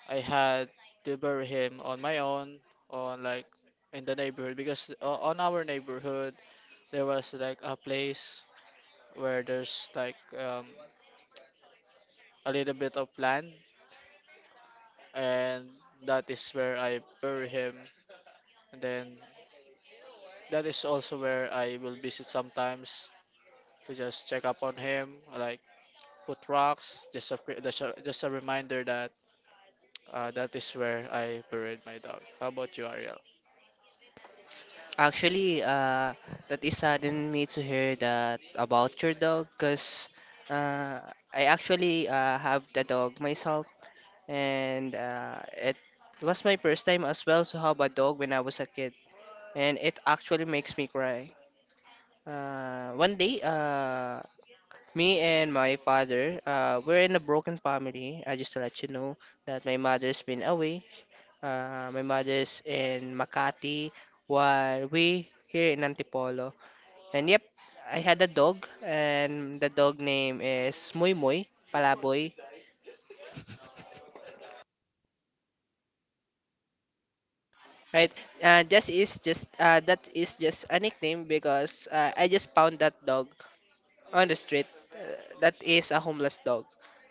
S2: I had to bury him on my own, on like in the neighborhood, because uh, on our neighborhood, there was like a place where there's like um, a little bit of land, and that is where I bury him. And then that is also where I will visit sometimes to just check up on him, like put rocks, just a quick- just a, just a reminder that uh, that is where I buried my dog. How about you, Ariel?
S1: Actually, uh, that is saddened me to hear that about your dog, cause, uh, I actually uh, have the dog myself, and uh, it was my first time as well to have a dog when I was a kid, and it actually makes me cry. Uh, one day, uh, me and my father, uh, we're in a broken family. I just to let you know that my mother's been away. Uh, my mother's in Makati, while we here in Antipolo. And yep, I had a dog, and the dog name is Muy Muy Palaboy. Right? Uh, just is just uh, that is just a nickname because, uh, I just found that dog on the street, uh, that is a homeless dog.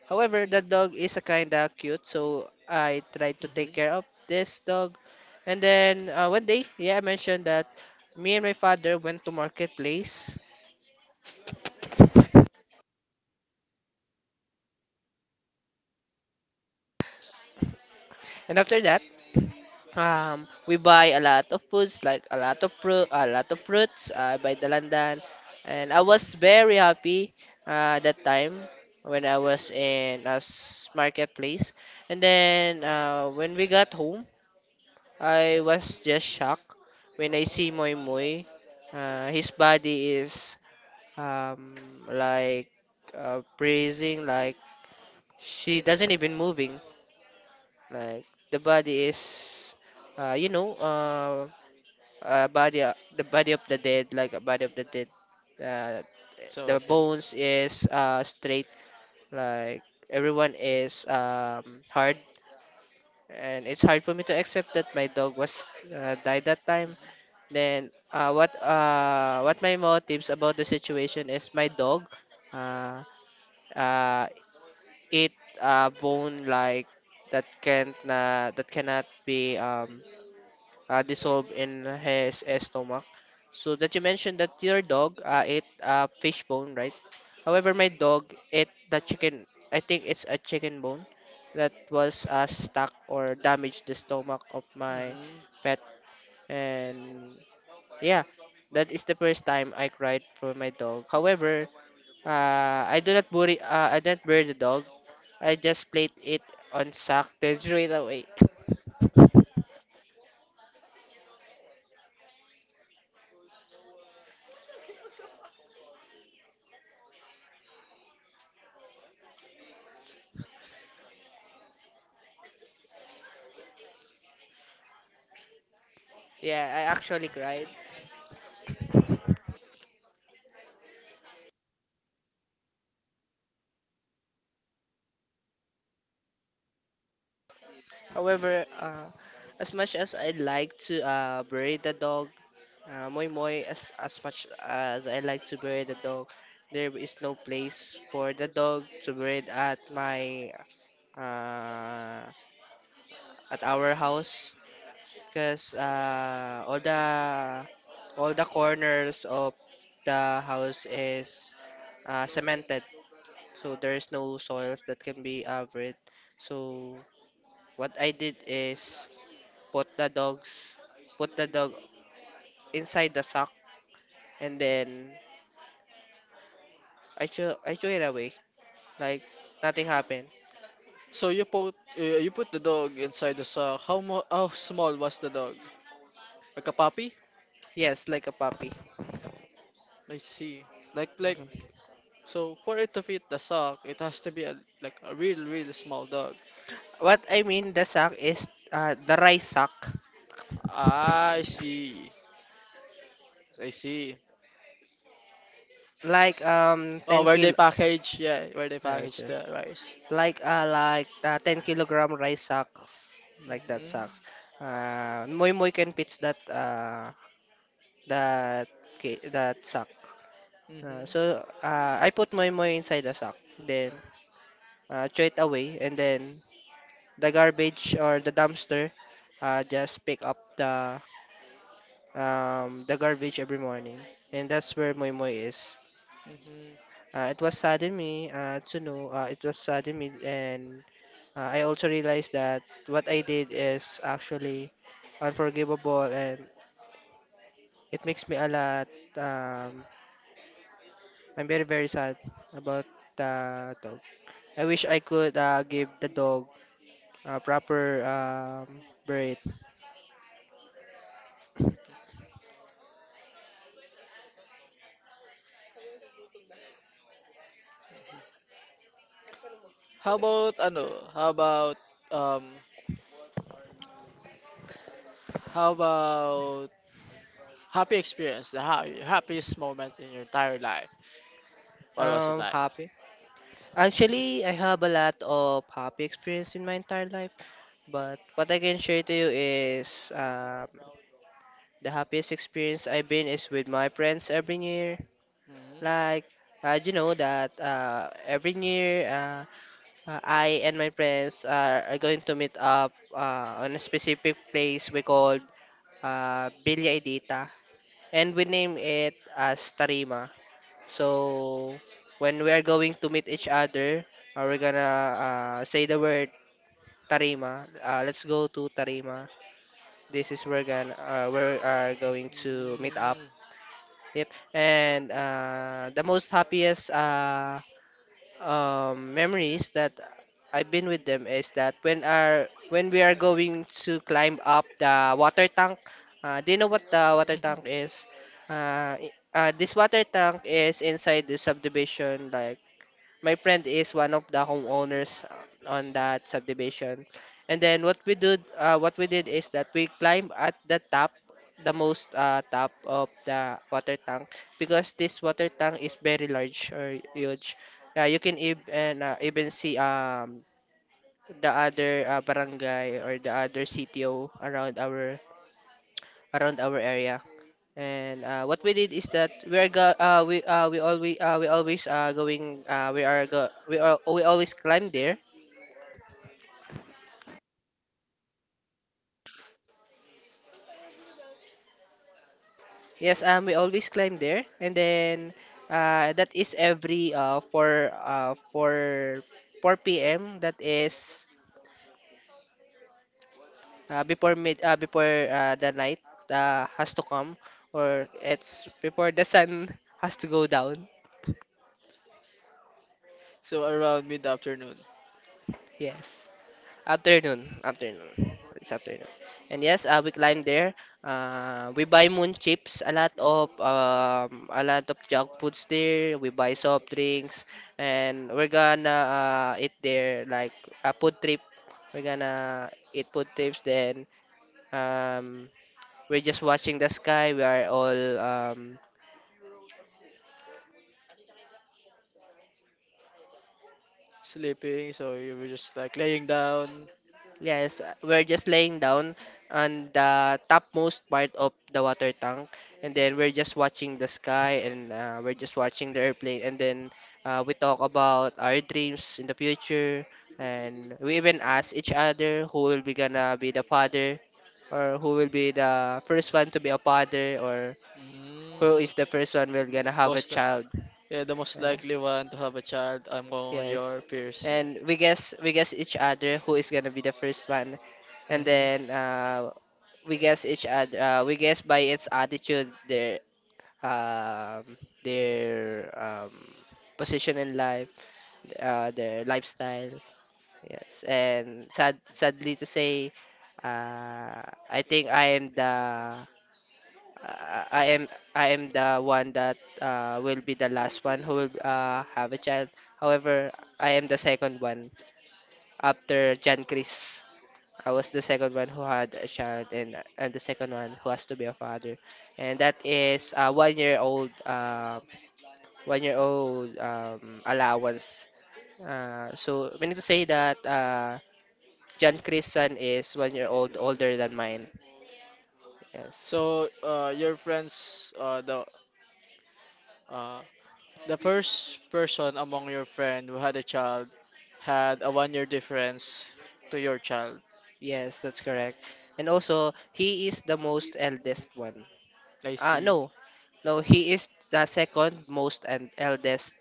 S1: However, that dog is a kinda cute, so I tried to take
S2: Hmm.
S1: care of this dog. And then uh, one day, yeah, I mentioned that me and my father went to marketplace, and after that, um, we buy a lot of foods like a lot of fruit, a lot of fruits. I buy the London, and I was very happy uh, that time when I was in a s- marketplace. And then uh, when we got home, I was just shocked when I see Moy Moy. Uh, his body is um, like uh, freezing, like she doesn't even moving. Like the body is, uh, you know, uh, uh, body uh, the body of the dead, like a body of the dead. Uh,
S2: So
S1: the
S2: sure.
S1: bones is uh, straight, like everyone is um, hard, and it's hard for me to accept that my dog was uh, died that time. Then uh, what uh, what my motives about the situation is my dog uh, uh, ate a bone like that can't na that cannot be um, uh, dissolved in his stomach. So that you mentioned that your dog uh, ate a fish bone, right? However, my dog ate the chicken. I think it's a chicken bone that was uh, stuck or damaged the stomach of my
S2: Hmm.
S1: pet, and yeah, that is the first time I cried for my dog. However, uh, I do not bury, uh, I don't bury the dog. I just placed it on sack then threw it away. Yeah, I actually cried. However, uh, as much as I like to uh, bury the dog, uh, Moy Moy, as, as much as I like to bury the dog, there is no place for the dog to bury it at my uh, at our house, because uh, all the all the corners of the house is uh, cemented, so there's no soils that can be covered. So what I did is put the dogs, put the dog inside the sock, and then I threw I threw it away, like nothing happened.
S2: So you put uh, you put the dog inside the sock. How mo how small was the dog? Like a puppy?
S1: Yes, like a puppy.
S2: I see. Like like
S1: Mhm.
S2: so for it to fit the sock, it has to be a like a real real small dog.
S1: What I mean the sack is uh, the rice sack,
S2: I see. I see.
S1: like um
S2: Oh,
S1: ten
S2: where they
S1: kilo.
S2: package? Yeah, where they
S1: Yes,
S2: package
S1: yes.
S2: the rice.
S1: Like uh like uh, ten kilogram rice sacks, like that
S2: Mhm.
S1: sacks. Uh, Moy Moy can pitch that uh that ca- that sack. Uh,
S2: Mhm.
S1: so uh, I put Moy Moy inside the sack, then uh, throw it away, and then the garbage or the dumpster uh, just pick up the um, the garbage every morning, and that's where Moy Moy is.
S2: Mhm.
S1: Uh, it was saddened me uh, to know uh, It was saddened me, and uh, I also realized that what I did is actually unforgivable, and it makes me a lot. Um, I'm very very sad about the dog. I wish I could uh, give the dog a proper um, breed.
S2: How about ano? How about um? How about happy experience? The ha happiest moment in your entire life. What was it
S1: Um,
S2: like?
S1: happy. Actually, I have a lot of happy experience in my entire life, but what I can share to you is. Um, The happiest experience I've been is with my friends every year.
S2: Mhm.
S1: Like, uh, you know that uh, every year uh, uh, I and my friends are, are going to meet up uh, on a specific place we called uh, Villa Edita. And we name it as Tarima. So, when we are going to meet each other, uh, we're gonna uh, say the word Tarima. Uh, let's go to Tarima. This is where, gonna, uh, we are going to meet up.
S2: Mm.
S1: Yep. And uh, the most happiest uh, um, memories that I've been with them is that when are when we are going to climb up the water tank. Uh, do you know what the water
S2: Mhm.
S1: tank is? Uh, i- uh, this water tank is inside the subdivision. Like my friend is one of the homeowners uh, on that subdivision. And then what we did, uh, what we did is that we climbed at the top, the most uh, top of the water tank, because this water tank is very large or huge. Uh, you can even uh, even see um the other uh, barangay or the other C T O around our around our area. And uh, what we did is that we are go uh, we uh, we always uh, we always uh, going uh, we are go we are we always climb there. Yes, um, we always climb there, and then uh, that is every uh for uh for four p m. That is uh, before mid uh, before uh, the night uh, has to come, or it's before the sun has to go down.
S2: So around mid-afternoon.
S1: Yes. Afternoon, afternoon. It's afternoon. And yes, uh, we climb there. Uh, we buy moon chips, a lot of um, a lot of junk foods there. We buy soft drinks, and we're gonna uh, eat there like a food trip. We're gonna eat food trips. Then um, we're just watching the sky. We are all um,
S2: Sleeping, so you were just like laying down.
S1: yes, uh, we're just laying down on the topmost part of the water tank, and then we're just watching the sky, and uh, we're just watching the airplane, and then uh, we talk about our dreams in the future, and we even ask each other who will be gonna be the father, or who will be the first one to be a father, or who
S2: Mm,
S1: is the first one will gonna have a
S2: most, li-
S1: child.
S2: yeah, the most
S1: Uh,
S2: likely one to have a child among
S1: Yes.
S2: your peers. Yeah.
S1: And we guess we guess each other who is gonna be the first one. And
S2: Hmm.
S1: then uh we guess each other, uh, we guess by its attitude their um their um position in life, uh their lifestyle. Yes. And sad sadly to say, uh I think I am the uh, I am I am the one that uh, will be the last one who will uh, have a child. However, I am the second one after Jan Chris. I was the second one who had a child, and and the second one who has to be a father. And that is a one year old, um, one year old um, allowance. Uh, so we need to say that uh, Jan Chris' son is one year old older than mine. Yes,
S2: So, uh, your friends, uh, the uh, the first person among your friend who had a child had a one-year difference to your child.
S1: yes, that's correct. And also, he is the most eldest one.
S2: I
S1: Uh,
S2: see.
S1: no, no, he is the second most and eldest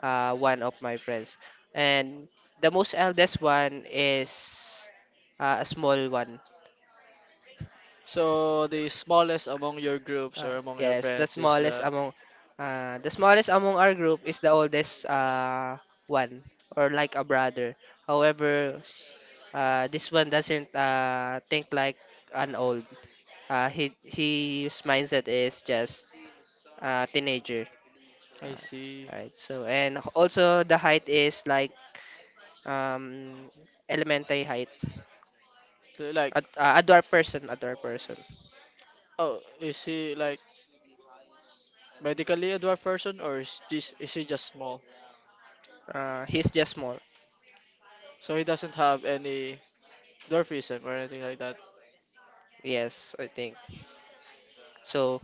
S1: uh, one of my friends. And the most eldest one is uh, a small one.
S2: So the smallest among your groups
S1: Uh,
S2: or among your
S1: yes, the
S2: friends is
S1: smallest
S2: the.
S1: among uh, the smallest among our group is the oldest uh, one, or like a brother. However, uh, this one doesn't uh, think like an old. Uh, he His mindset is just uh, teenager.
S2: I see.
S1: Right. So and also the height is like um elementary height.
S2: The, like,
S1: Ad uh, a dwarf person, a dwarf person.
S2: oh, you see, like, medically a dwarf person, or is just is he just small?
S1: Uh, he's just small.
S2: So he doesn't have any dwarfism or anything like that.
S1: Yes, I think. So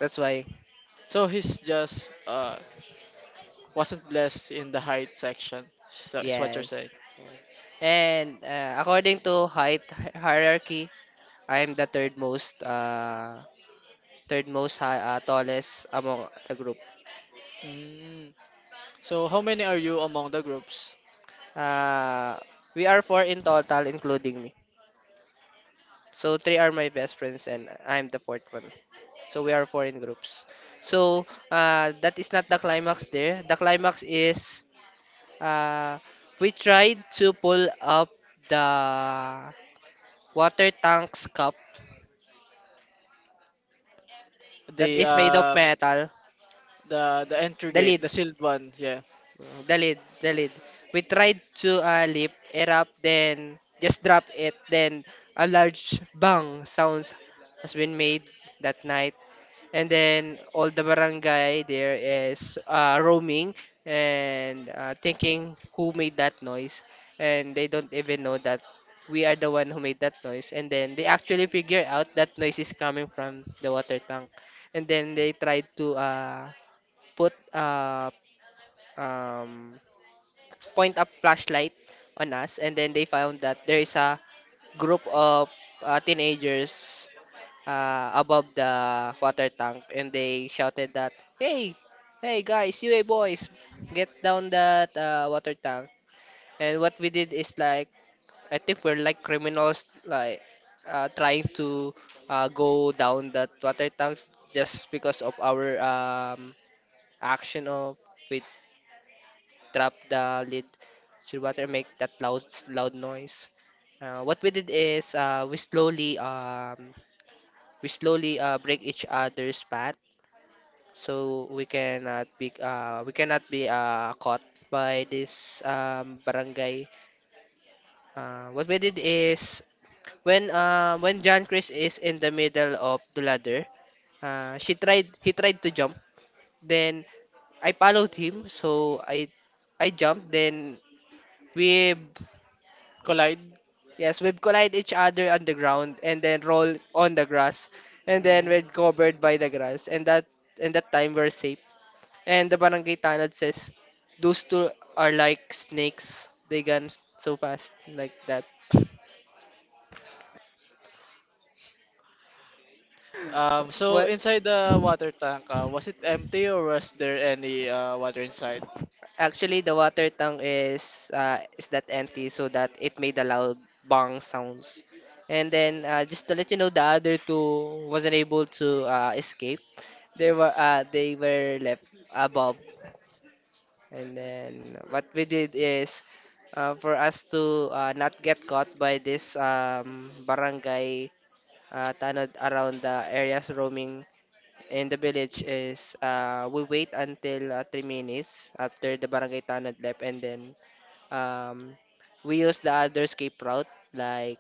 S1: that's why.
S2: So he's just uh wasn't blessed in the height section. So is what you're saying.
S1: Yes. And uh, according to height hi- hierarchy, I am the third most uh third most high uh, tallest among the group.
S2: Mm. So how many are you among the groups?
S1: Uh, we are four in total, including me. So three are my best friends, and I'm the fourth one. So we are four in groups. So uh, that is not the climax there. The climax is, uh, we tried to pull up the water tank's cup that
S2: The
S1: is made of
S2: uh
S1: metal,
S2: the the entry
S1: the
S2: gate,
S1: lid.
S2: the sealed one, yeah.
S1: The lid, the lid. We tried to uh, lift it up, then just drop it. Then a large bang sounds has been made that night. And then all the barangay there is uh, roaming and uh, thinking who made that noise. And they don't even know that we are the one who made that noise. And then they actually figure out that noise is coming from the water tank. And then they tried to uh, put uh, um, point a flashlight on us, and then they found that there is a group of uh, teenagers uh, above the water tank, and they shouted that, "Hey, hey guys, you hey boys, get down that uh, water tank!" And what we did is like, I think we're like criminals, like uh, trying to uh, go down that water tank just because of our um, action of with drop the lid to water and make that loud loud noise. Uh, what we did is, uh, we slowly um, we slowly uh, break each other's path so we cannot be uh, we cannot be uh, caught by this um, barangay. Uh, what we did is when uh, when John Chris is in the middle of the ladder, uh, she tried he tried to jump. Then I followed him, so I I jumped. Then we—
S2: Collide.
S1: yes, we'd collide each other on the ground and then roll on the grass. And then we're
S2: Mm.
S1: covered by the grass. And that and that time we're safe. And the barangay tanod says, those two are like snakes. They gun so fast like that.
S2: Um, so
S1: What,
S2: inside the water tank, uh, was it empty or was there any uh, water inside?
S1: actually, the water tank is uh, is that empty so that it made a loud bang sounds. And then uh, just to let you know, the other two wasn't able to uh, escape. They were uh, they were left above. And then what we did is, uh, for us to uh, not get caught by this um, barangay uh, tanod around the areas roaming in the village is, uh, we wait until uh, three minutes after the barangay tanod left, and then um, we use the other escape route, like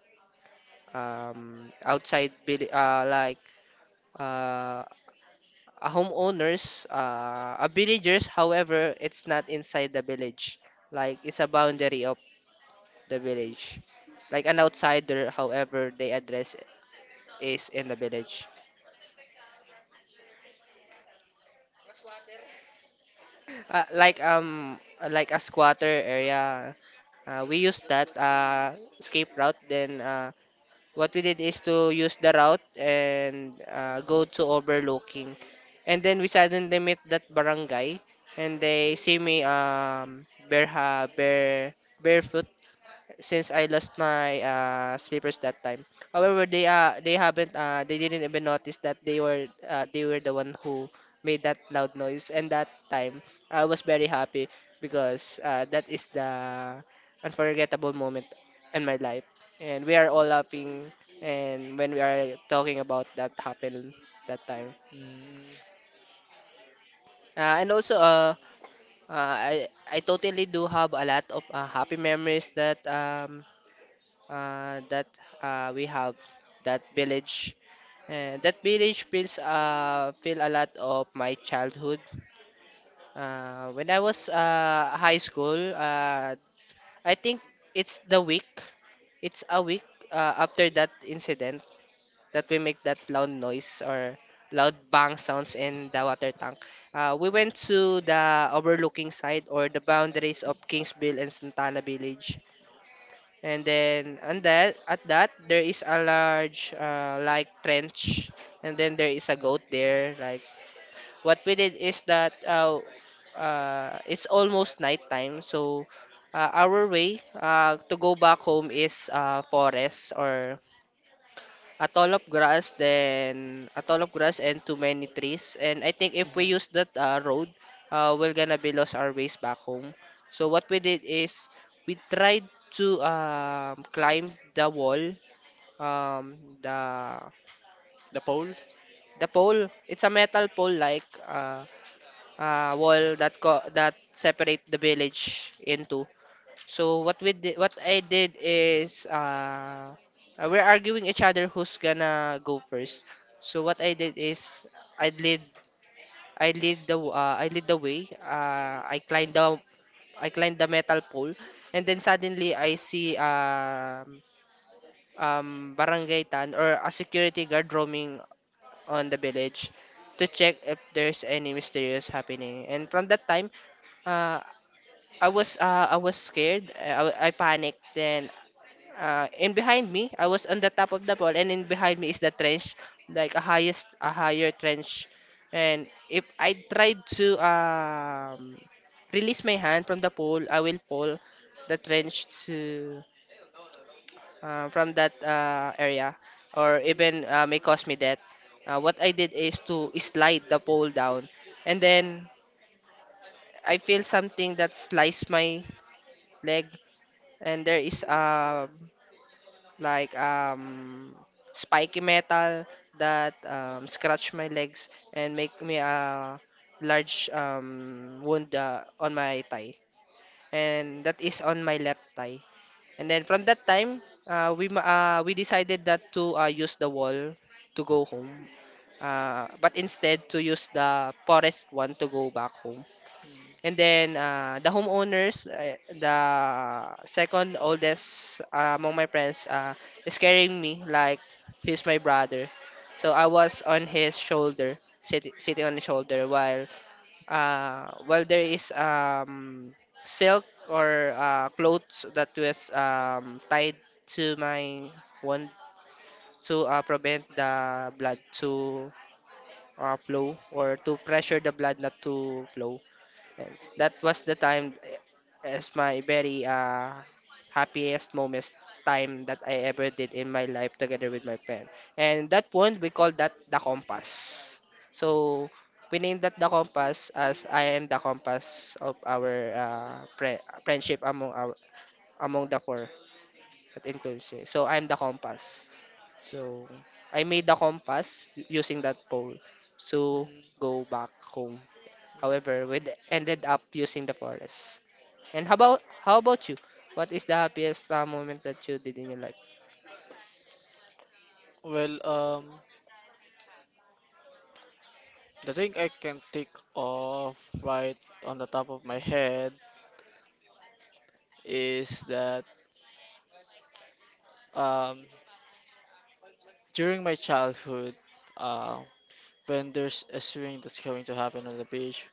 S1: um, outside vil- uh, like uh, a homeowners, uh, a villagers. However, it's not inside the village. Like it's a boundary of the village. Like an outsider, however, they address is in the village. Uh, like um Like a squatter area. Uh, we use that uh, escape route. Then uh, what we did is to use the route and uh, go to overlooking, and then we suddenly met that barangay, and they see me um bare ha bare barefoot, since I lost my uh, slippers that time. However, they uh they haven't uh they didn't even notice that they were uh, they were the one who made that loud noise. And that time, I was very happy because uh, that is the unforgettable moment in my life. And we are all laughing and when we are talking about that happened that time.
S2: Mm.
S1: Uh, and also, uh, uh I I totally do have a lot of uh, happy memories that um uh, that uh, we have that village. Uh, that village feels uh, feel a lot of my childhood. Uh, when I was uh, high school, uh, I think it's the week. It's a week uh, after that incident that we make that loud noise or loud bang sounds in the water tank. Uh, we went to the overlooking side or the boundaries of Kingsville and Santana Village. And then on that at that there is a large, uh, like, trench, and then there is a goat there. Like what we did is that uh, uh, it's almost nighttime, so uh, our way uh, to go back home is uh, forest, or a tall of grass, then a tall of grass and too many trees. And I think if we
S2: Mhm.
S1: use that uh, road, uh, we're gonna be lost our ways back home. So what we did is we tried to um, climb the wall, um, the
S2: The pole?
S1: the pole. It's a metal pole, like uh, uh, wall that co- that separate the village into. So what we did, what I did is uh, uh, we're arguing each other who's gonna go first. So what I did is I lead I lead the w- uh, I lead the way. Uh, I climbed the I climbed the metal pole, and then suddenly I see um um barangay tan or a security guard roaming on the village to check if there's any mysterious happening. And from that time, uh, I was uh, I was scared. I, I panicked. Then, uh, and behind me, I was on the top of the pole, and in behind me is the trench, like a highest, a higher trench. And if I tried to um, release my hand from the pole, I will fall the trench to, uh, from that uh, area, or even uh, may cause me death. Uh, what I did is to slide the pole down, and then I feel something that sliced my leg, and there is a, like, um, spiky metal that um, scratch my legs and make me a large, um, wound uh, on my thigh, and that is on my left thigh. And then from that time, uh, we ma- uh, we decided that to uh, use the wall to go home, uh, but instead to use the forest one to go back home.
S2: Mm,
S1: And then uh, the homeowners, uh, the second oldest uh, among my friends, uh, is carrying me like he's my brother. So I was on his shoulder, sit- sitting on his shoulder, while uh, while there is, um, silk or uh, clothes that was um, tied to my wound to uh, prevent the blood to uh, flow, or to pressure the blood not to flow. And that was the time as my very uh, happiest moments, time that I ever did in my life together with my friend. And that one we call that the compass. So we named that the compass, as I am the compass of our uh, pre- friendship among our, among the four that includes me. So I'm the compass. So I made the compass using that pole to
S2: mm,
S1: go back home.
S2: mm.
S1: However, we d- ended up using the forest. And how about how about you? What is the happiest uh, moment that you did in your life?
S2: Well, um, the thing I can think of right on the top of my head is that um, during my childhood, uh, when there's a swing that's going to happen on the beach,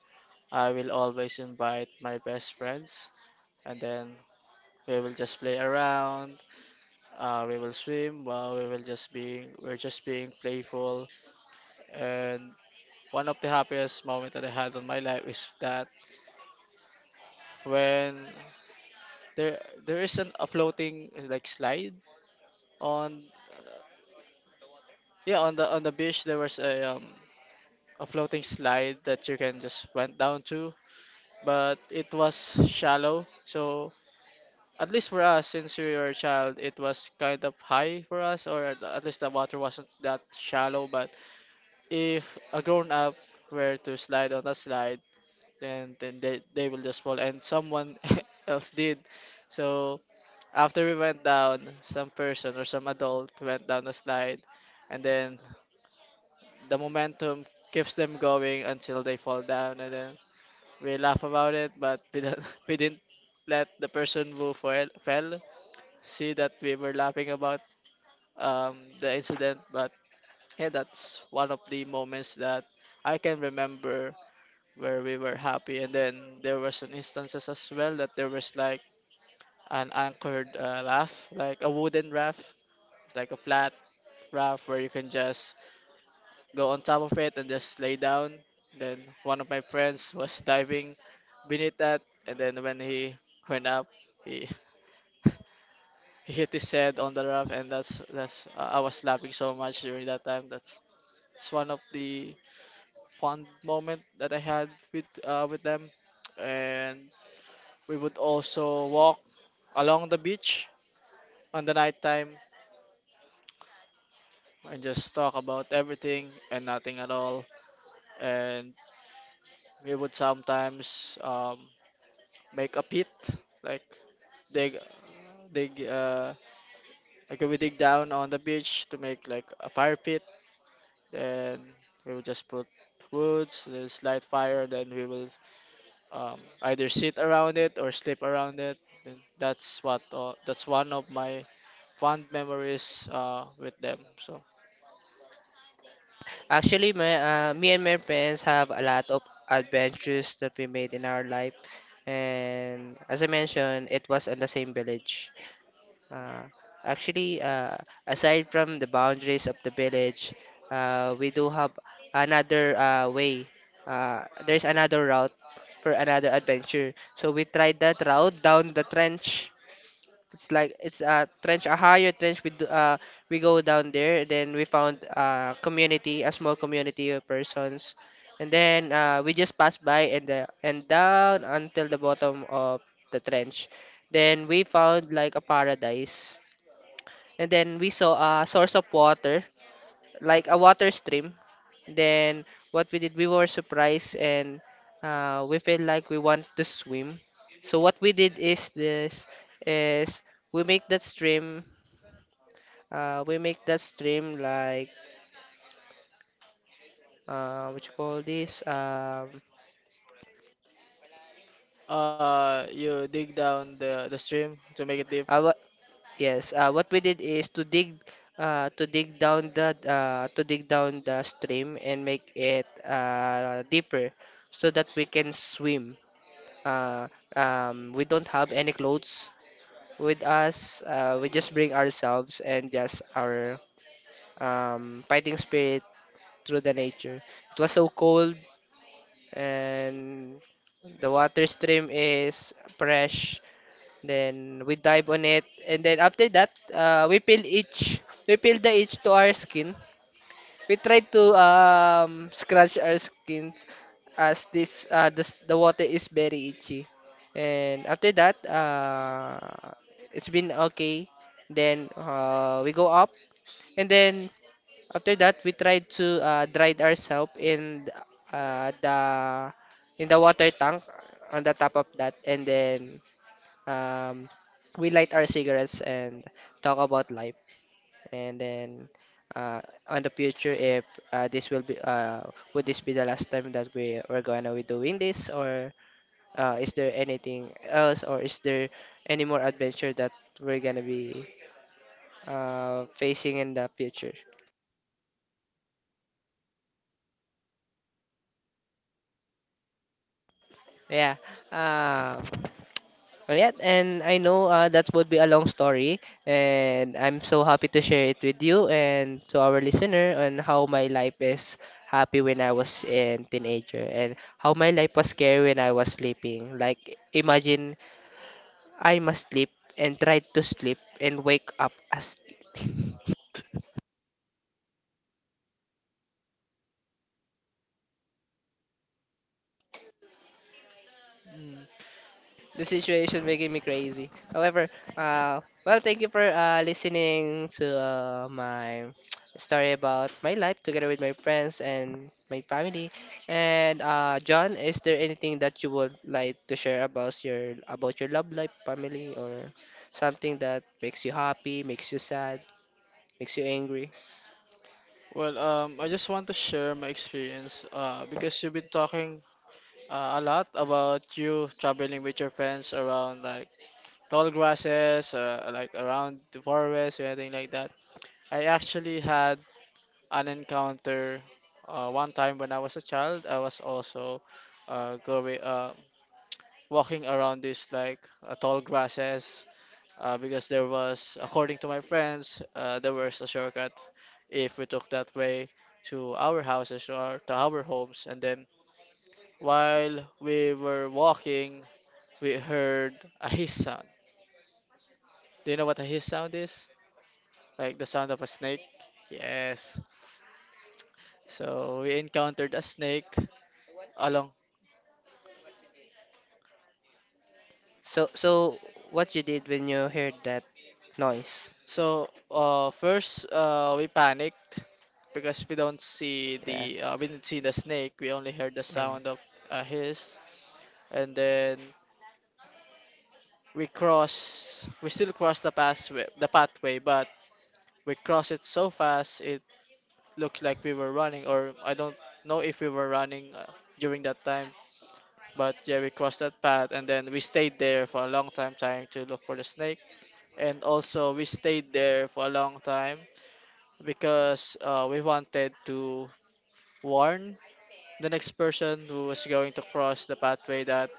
S2: I will always invite my best friends, and then we will just play around. Uh, we will swim. Uh, we will just being we're just being playful, and one of the happiest moments that I had in my life is that when there there is an a floating like slide on, yeah, on the on the beach, there was a um a floating slide that you can just went down to, but it was shallow. So at least for us, since we were a child, it was kind of high for us, or at at least the water wasn't that shallow. But if a grown up were to slide on that slide, then then they, they will just fall, and someone else did. So after we went down, some person or some adult went down a slide, and then the momentum keeps them going until they fall down, and then we laugh about it, but we don't, we didn't let the person who fell, fell see that we were laughing about um, the incident. But yeah, that's one of the moments that I can remember where we were happy. And then there was an instances as well that there was like an anchored uh, raft, like a wooden raft, like a flat raft where you can just go on top of it and just lay down. Then one of my friends was diving beneath that, and then when he went up, he he hit his head on the raft, and that's that's I I was laughing so much during that time. That's, it's one of the fun moment that I had with uh, with them. And we would also walk along the beach on the nighttime and just talk about everything and nothing at all. And we would sometimes um, make a pit, like dig, dig, uh, like we dig down on the beach to make like a fire pit. Then we would just put woods, just light fire. Then we will um, either sit around it or sleep around it. And that's what uh, that's one of my fond memories uh, with them. So,
S1: Actually, my uh, me and my friends have a lot of adventures that we made in our life, and as I mentioned, it was on the same village. Uh, actually, uh, Aside from the boundaries of the village, uh, we do have another uh, way. Uh, there's another route for another adventure. So we tried that route down the trench. It's like it's a trench, a higher trench. We d- uh we go down there, then we found a community, a small community of persons, and then uh, we just passed by, and the and down until the bottom of the trench. Then we found like a paradise, and then we saw a source of water, like a water stream. Then what we did, we were surprised, and uh, we felt like we want to swim. So what we did is this is we make that stream uh, we make that stream like, uh, what you call this um
S2: uh, you dig down the the stream to make it deep.
S1: uh, what, yes uh, what we did is to dig, uh, to dig down the uh, to dig down the stream and make it uh, deeper, so that we can swim. uh, um, we don't have any clothes with us. Uh, we just bring ourselves and just our um, fighting spirit through the nature. It was so cold, and the water stream is fresh. Then we dive on it, and then after that uh, we peel each we peel the itch to our skin. We try to um scratch our skins, as this uh the, s- the water is very itchy. And after that, uh it's been okay. Then uh we go up, and then after that we try to uh dry ourselves in th- uh the in the water tank on the top of that. And then um we light our cigarettes and talk about life. And then uh, on the future, if uh, this will be, uh, would this be the last time that we are gonna be doing this? Or uh, is there anything else? Or is there any more adventure that we're gonna be uh, facing in the future? Yeah. Uh, yeah, and I know uh, that would be a long story, and I'm so happy to share it with you and to our listener on how my life is happy when I was in teenager, and how my life was scary when I was sleeping. Like imagine, I must sleep and try to sleep and wake up asleep.
S2: Mm.
S1: The situation making me crazy. However, uh, well, thank you for uh, listening to uh, my story about my life together with my friends and my family. And uh, John, is there anything that you would like to share about your about your love life, family, or something that makes you happy, makes you sad, makes you angry?
S2: Well, um, I just want to share my experience. Uh, because you've been talking uh, a lot about you traveling with your friends around like tall grasses, uh, like around the forest or anything like that. I actually had an encounter uh, one time when I was a child. I was also uh, going uh, walking around this like uh, tall grasses, uh, because there was, according to my friends, uh, there was a shortcut if we took that way to our houses or to our homes. And then while we were walking, we heard a hiss sound. Do you know what a hiss sound is? Like the sound of a snake? Yes. So we encountered a snake along.
S1: So, so what you did when you heard that noise?
S2: So, uh, first uh, we panicked because we don't see
S1: Yeah.
S2: the uh, we didn't see the snake. We only heard the sound of a hiss. And then we cross we still cross the pathway the pathway, but we cross it so fast. It looked like we were running, or I don't know if we were running uh, during that time. But yeah, we crossed that path, and then we stayed there for a long time trying to look for the snake. And also we stayed there for a long time because, uh, we wanted to warn the next person who was going to cross the pathway that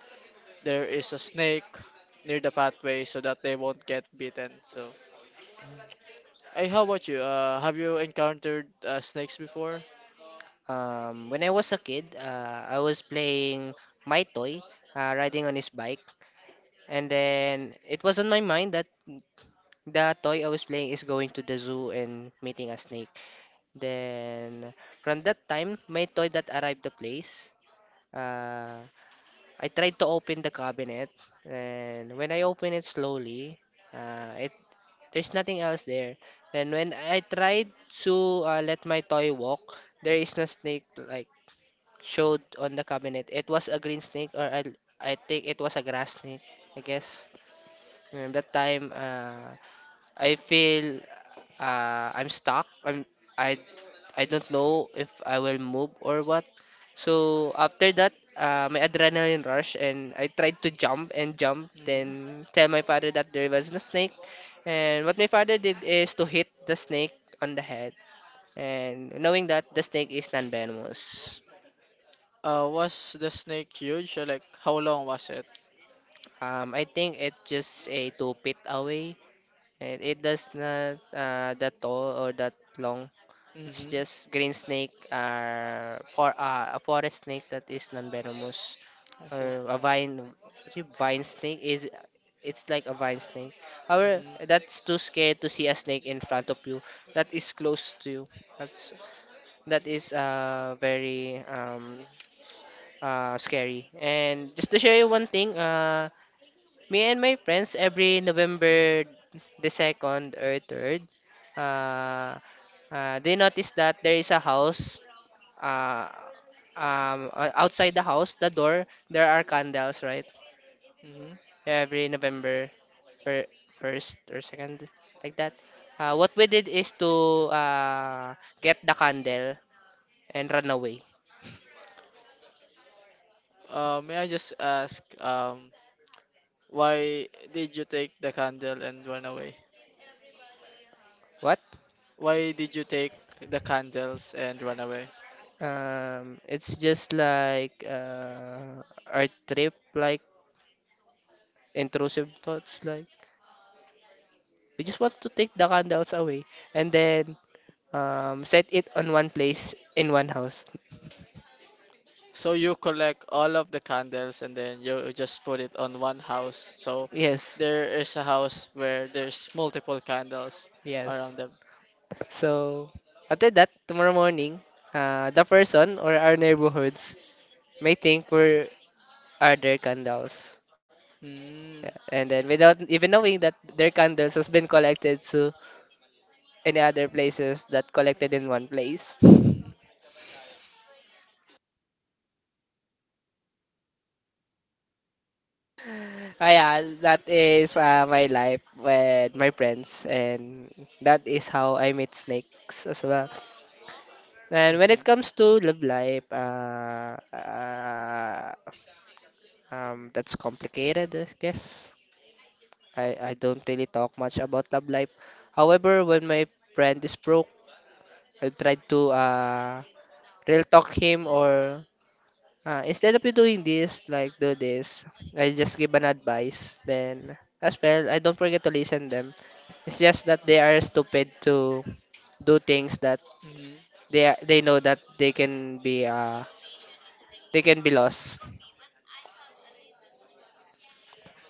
S2: there is a snake near the pathway so that they won't get bitten. So hey, how about you? Uh, have you encountered uh, snakes before?
S1: Um, when I was a kid, uh, I was playing my toy, uh, riding on his bike, and then it was on my mind that the toy I was playing is going to the zoo and meeting a snake. Then from that time, my toy that arrived the place, uh, I tried to open the cabinet, and when I open it slowly, uh, it there's nothing else there. Then when I tried to uh, let my toy walk, there is no snake like showed on the cabinet. It was a green snake, or I, I think it was a grass snake, I guess. And that time, uh, I feel uh, I'm stuck. I'm I I don't know if I will move or what. So after that, uh, my adrenaline rush, and I tried to jump and jump.
S2: Mm.
S1: Then tell my father that there was a snake. And what my father did is to hit the snake on the head. And knowing that the snake is non-venomous.
S2: Uh, was the snake huge? Or like, how long was it?
S1: Um, I think it's just a two feet away. It, it does not uh, that tall or that long. It's
S2: Mm-hmm.
S1: just green snake, uh, for uh, a forest snake that is non-venomous,
S2: I see.
S1: or a vine, what's it, vine snake is. It's like a vine snake. However,
S2: Mm-hmm.
S1: that's too scared to see a snake in front of you. That is close to you. That's that is uh very um uh scary. And just to share you one thing, uh me and my friends every November the second or third, uh, uh, they notice that there is a house, uh, um, o- outside the house, the door, there are candles, right?
S2: Mm-hmm.
S1: Every November fir- first or second, like that. Uh, what we did is to uh, get the candle and run away.
S2: Uh, may I just ask, um, why did you take the candle and run away?
S1: What?
S2: Why did you take the candles and run away?
S1: Um, it's just like uh, our trip, like intrusive thoughts, like we just want to take the candles away and then, um, set it on one place in one house.
S2: So you collect all of the candles and then you just put it on one house. So
S1: Yes,
S2: there is a house where there's multiple candles
S1: yes.
S2: around them.
S1: So after that, tomorrow morning, uh, the person or our neighborhoods may think we're are their candles.
S2: Hmm.
S1: Yeah. And then without even knowing that their candles has been collected to any other places that collected in one place.
S2: Mm,
S1: Ah yeah, that is uh, my life with my friends, and that is how I meet snakes as well.
S2: I
S1: And when it
S2: see.
S1: comes to love life, uh, uh, um, that's complicated, I guess. I, I don't really talk much about love life. However, when my friend is broke, I tried to uh, real talk him, or uh, instead of you doing this, like do this, I just give an advice. Then as well, I don't forget to listen them. It's just that they are stupid to do things that
S2: Hmm.
S1: they are- they know that they can be uh they can be lost.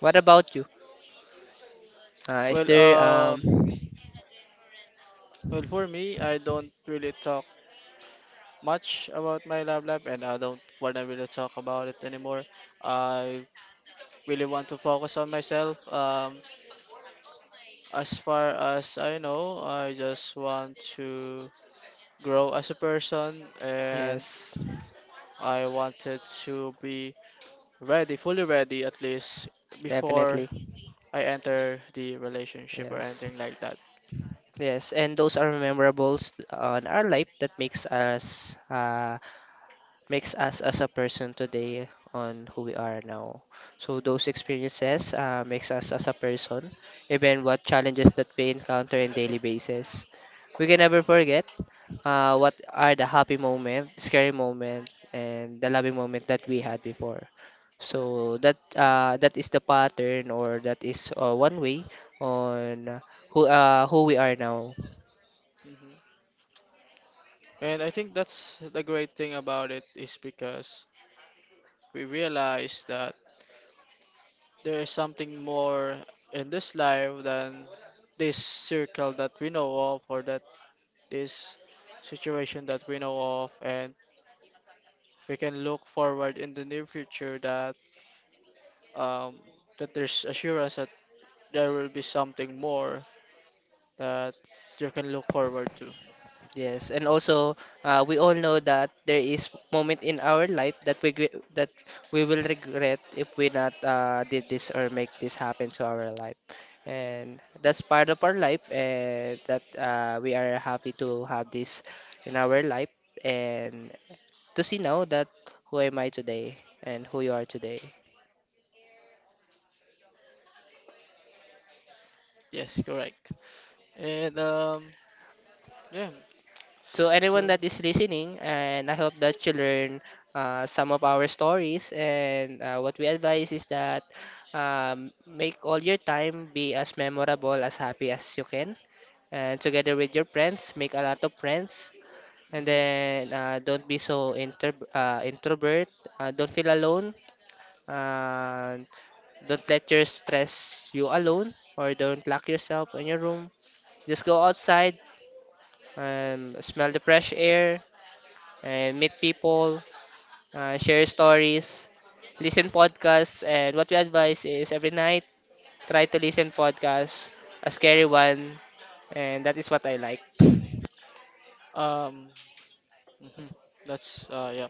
S1: What about you? Uh, is
S2: Well,
S1: there um
S2: um, well, for me, I don't really talk much about my love life, and I don't want to really talk about it anymore. I really want to focus on myself. Um, as far as I know, I just want to grow as a person, and
S1: yes,
S2: I wanted to be ready, fully ready, at least before
S1: definitely.
S2: I enter the relationship or
S1: Yes.
S2: anything like that.
S1: Yes, and those are memorables on our life that makes us uh makes us as a person today on who we are now. So those experiences, uh, makes us as a person, even what challenges that we encounter in daily basis. We can never forget uh, what are the happy moment, scary moment, and the loving moment that we had before. So that, uh, that is the pattern, or that is, uh, one way on who, uh, who we are now.
S2: Mm-hmm. And I think that's the great thing about it, is because we realize that there is something more in this life than this circle that we know of, or that this situation that we know of, and we can look forward in the near future that, um, that there's assurance that there will be something more that you can look forward to.
S1: Yes, and also, uh, we all know that there is moment in our life that we gre- that we will regret if we not, uh, did this or make this happen to our life, and that's part of our life, and that, uh, we are happy to have this in our life, and to see now that who am I today and who you are today.
S2: Yes, correct. And um, yeah,
S1: To anyone
S2: so
S1: that is listening, and I hope that you learn uh, some of our stories. And uh, what we advise is that, um, make all your time be as memorable, as happy as you can. And together with your friends, make a lot of friends. And
S2: mhm.
S1: then uh, don't be so inter uh, introvert. Uh, don't feel alone. Uh, don't let your stress you alone, or don't lock yourself in your room, just go outside and smell the fresh air and meet people, uh, share stories, listen podcasts, and what we advise is every night try to listen podcasts, a scary one, and that is what I like.
S2: Um, mhm. That's uh, yeah.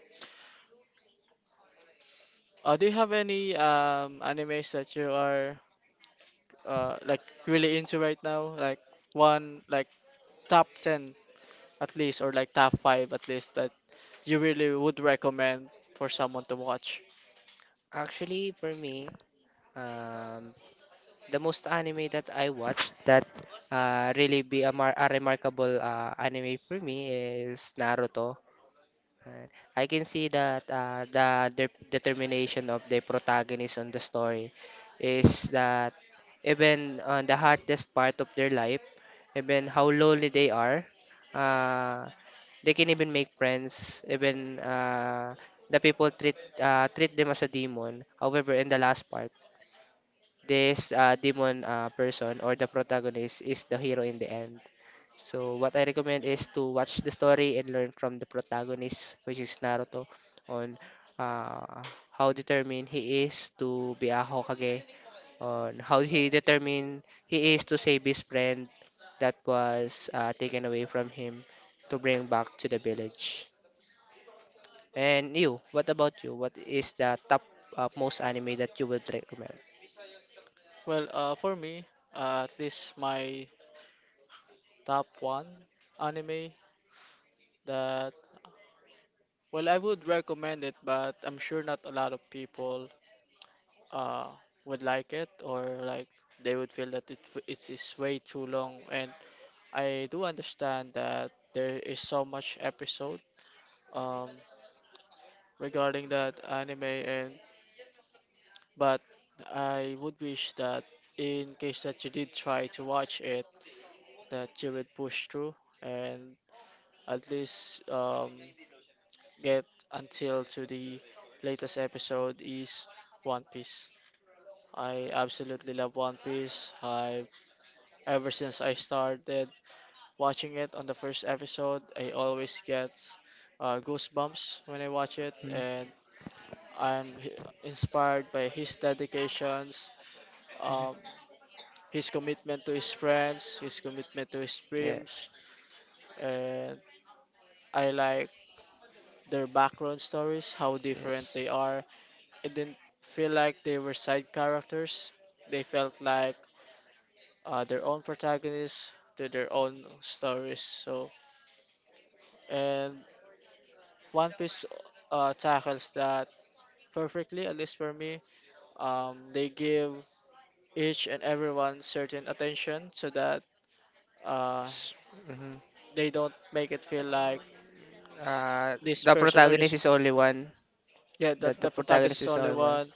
S2: Uh, do you have any um animes that you are uh like really into right now? Like one like top ten at least, or like top five at least, that you really would recommend for someone to watch?
S1: Actually, for me, um, the most anime that I watched that uh, really be a, mar- a remarkable uh, anime for me is Naruto. Right. I can see that uh, the de- determination of the protagonist on the story is that even on the hardest part of their life, even how lonely they are, uh, they can even make friends. Even uh, the people treat uh, treat them as a demon. However, in the last part, this uh, demon, uh, person, or the protagonist is the hero in the end. So what I recommend is to watch the story and learn from the protagonist, which is Naruto, on, uh, how determined he is to be a Hokage, on how he determined he is to save his friend that was, uh, taken away from him to bring back to the village. And you, what about you? What is the top uh, most anime that you would recommend?
S2: Well, uh for me, uh, at least my top one anime that, well, I would recommend it, but I'm sure not a lot of people uh would like it, or like they would feel that it it is way too long. And I do understand that there is so much episode um regarding that anime, and but I would wish that in case that you did try to watch it, that you would push through and at least um get until to the latest episode, is One Piece. I absolutely love One Piece. I, ever since I started watching it on the first episode, I always get uh, goosebumps when I watch it,
S1: Hmm.
S2: and I'm h- inspired by his dedications, um, his commitment to his friends, his commitment to his
S1: Yeah.
S2: dreams, and I like their background stories, how different
S1: Yes.
S2: they are. It didn't feel like they were side characters. They felt like uh, their own protagonists to their own stories. So, and One Piece uh, tackles that perfectly, at least for me. Um, they give each and everyone certain attention so that, uh,
S1: Hmm.
S2: they don't make it feel like
S1: Uh,
S2: this
S1: the
S2: person or
S1: protagonist
S2: just,
S1: is only one.
S2: yeah,
S1: That
S2: that
S1: the
S2: the protagonist
S1: protagonist
S2: is
S1: is
S2: only
S1: only one.
S2: one.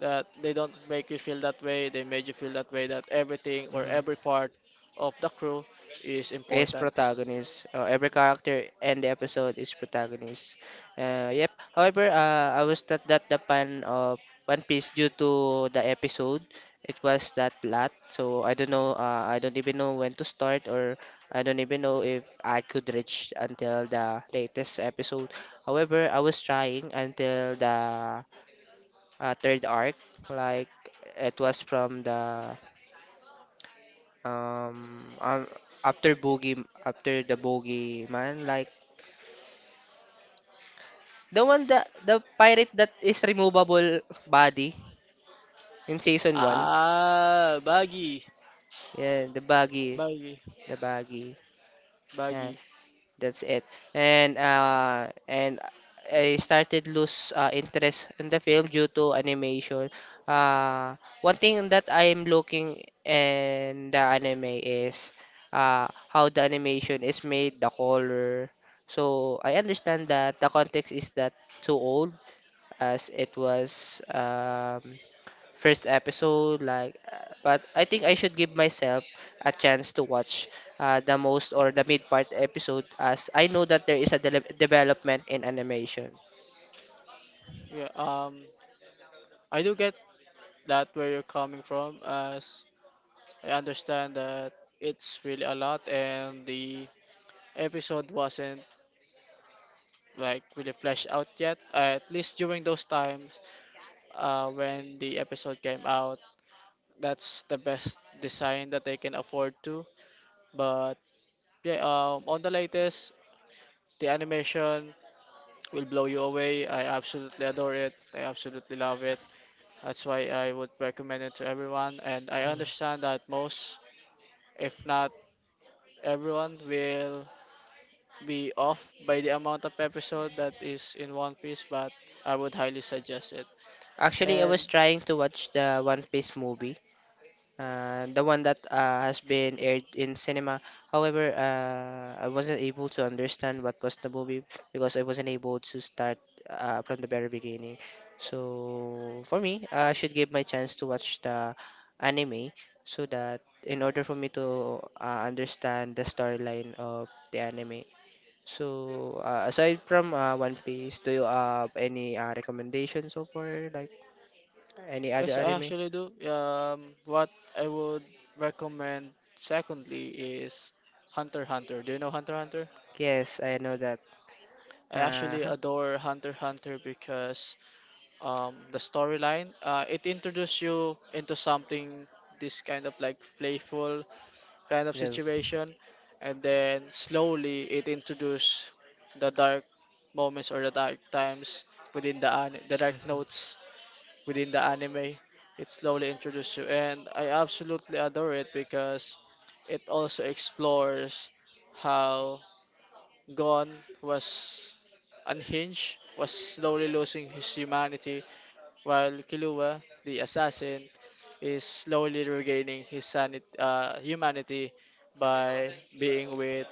S2: That they don't make you feel that way. They made you feel that way. That everything or
S1: Mhm.
S2: every part of the crew is
S1: Is
S2: important.
S1: protagonist. Uh, every character and the episode is protagonist. Uh, yep. However, uh, I was not that the fan of One Piece due to the episode. It was that lot, so I don't know. Uh, I don't even know when to start, or I don't even know if I could reach until the latest episode. However, I was trying until the, uh, third arc, like, it was from the, Um, um after Boogie, after the Boogie Man, like the one that the pirate that is removable body in season one.
S2: Ah, baggy,
S1: Yeah, the baggy,
S2: baggy,
S1: the baggy. Yeah,
S2: baggy.
S1: that's it. And uh and I started lose uh, interest in the film due to animation. Uh One thing that I'm looking in the anime is uh how the animation is made, the color. So I understand that the context is that too old as it was, um first episode like, uh, but I think I should give myself a chance to watch uh, the most or the mid part episode, as I know that there is a dele- development in animation.
S2: Yeah. Um, I do get that where you're coming from, as I understand that it's really a lot, and the episode wasn't like really fleshed out yet. At least during those times, uh, when the episode came out, that's the best design that they can afford to. But yeah, um, on the latest, the animation will blow you away. I absolutely adore it. I absolutely love it. That's why I would recommend it to everyone. And I understand that most, if not everyone, will be off by the amount of episode that is in One Piece, but I would highly suggest it.
S1: Actually, I
S2: And
S1: was trying to watch the One Piece movie, uh, the one that uh, has been aired in cinema. However, uh, I wasn't able to understand what was the movie because I wasn't able to start uh, from the very beginning. So for me, I should give my chance to watch the anime so that in order for me to, uh, understand the storyline of the anime. So uh, aside from uh, One Piece, do you have any uh, recommendations so far, like any other
S2: yes, I
S1: anime?
S2: actually do. Um, what I would recommend secondly is Hunter x Hunter. Do you know Hunter x Hunter?
S1: Yes, I know that.
S2: I actually
S1: Uh,
S2: adore Hunter x Hunter because, um, the storyline, uh, it introduced you into something this kind of like playful kind of
S1: Yes.
S2: situation, and then slowly it introduced the dark moments or the dark times within the an- the dark notes within the anime. It slowly introduced you, and I absolutely adore it because it also explores how Gon was unhinged, was slowly losing his humanity, while Kilua, the assassin, is slowly regaining his sanit- uh, humanity by being with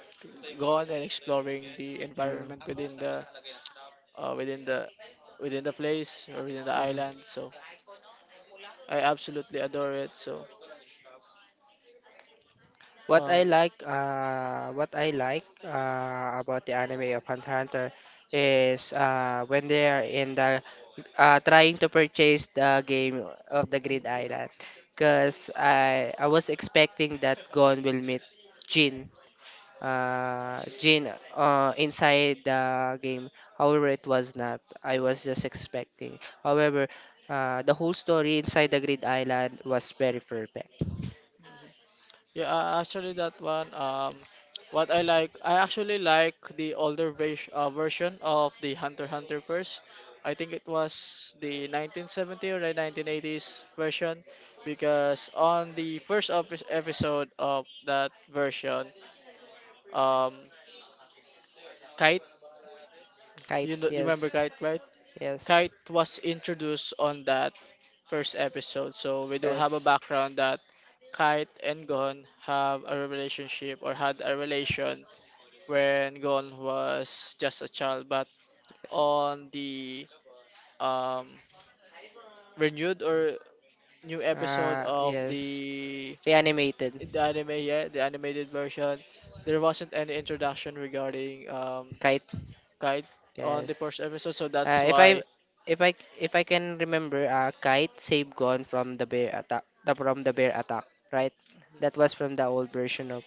S2: Gon and exploring the
S1: Mm.
S2: environment within the, uh, within the, within the place or within the
S1: Mhm.
S2: island. So I absolutely adore it. So
S1: What
S2: um,
S1: I like, uh, what I like uh, about the anime of Hunter x Hunter is uh, when they are in the, uh, trying to purchase the game of the Grid Island, because I I was expecting that Gon will meet Jin, uh, Jin uh, inside the game. However, it was not. I was just expecting. However, uh, the whole story inside the Grid Island was very perfect.
S2: yeah, uh, actually that one, um, what I like, I actually like the older vers- uh, version of the Hunter x Hunter first. I think it was the nineteen seventy or the nineteen eighties version, because on the first epi- episode of that version, um, Kite, you
S1: Kite,
S2: know, remember
S1: yes,
S2: Kite, right?
S1: yes,
S2: Kite was introduced on that first episode. So we do have a
S1: yes,
S2: background that Kite and Gon have a relationship or had a relation when Gon was just a child. But on the, um, renewed or new episode
S1: uh,
S2: of
S1: yes.
S2: the
S1: The animated
S2: the anime, yeah, the animated version, there wasn't any introduction regarding, um,
S1: Kite,
S2: Kite on the
S1: yes.
S2: first episode, so that's
S1: Uh, if I
S2: why,
S1: if I if I can remember, uh, Kite saved Gon from the bear attack, the, from the bear attack, right? That was from the old version of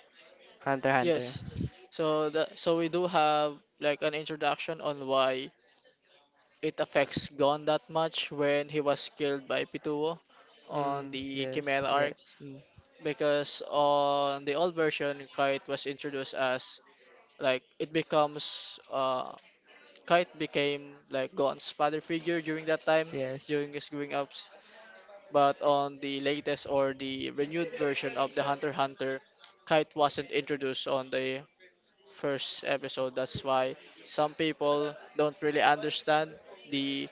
S1: Hunter x Hunter.
S2: yes. So that so we do have like an introduction on why it affects Gon that much when he was killed by Pituo on
S1: Mm,
S2: the
S1: yes,
S2: Chimera arc.
S1: yes. Mm.
S2: Because on the old version, Kite was introduced as like it becomes uh Kite became like Gon's father figure during that time,
S1: Yes.
S2: during his growing ups. But on the latest or the renewed version of the Hunter x Hunter, Kite wasn't introduced on the first episode, that's why some people don't really understand the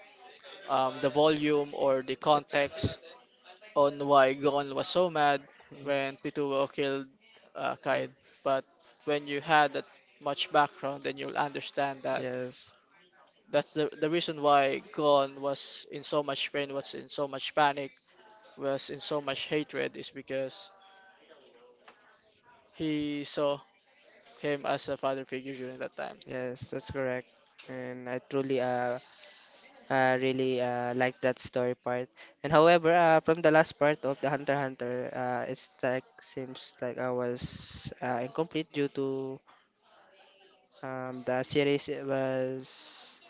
S2: um, the volume or the
S1: Yes.
S2: context on why Gon was so mad
S1: Mm,
S2: when Pituwo killed uh, Kite.
S1: mm.
S2: But when you had that much background, then you'll understand that
S1: Yes.
S2: that's the, the reason why Gon was in so much pain, was in so much panic, was in so much hatred, is because he saw him as a father figure during that time.
S1: Yes, that's correct. And I truly uh, uh really uh like that story part. And however, uh from the last part of the Hunter x Hunter, uh it's like seems like I was uh, incomplete due to, um the series was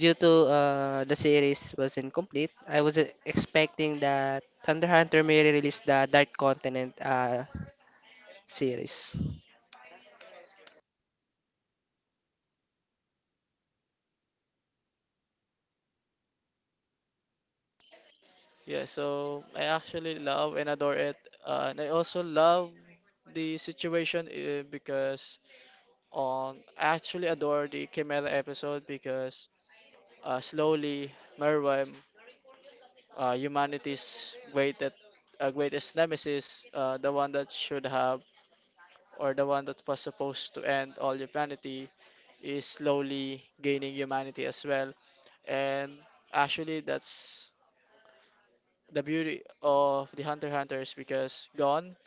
S1: due to uh the series was incomplete. I was uh, expecting that Thunder Hunter may release the Dark Continent uh series.
S2: Yeah, so I actually love and adore it. Uh, and I also love the situation uh, because on I actually adore the Chimera episode because Uh, slowly, Merwem, uh, humanity's greatest, uh, greatest nemesis, uh, the one that should have or the one that was supposed to end all humanity, is slowly gaining humanity as well. And actually, that's the beauty of the Hunter x Hunters because Gon,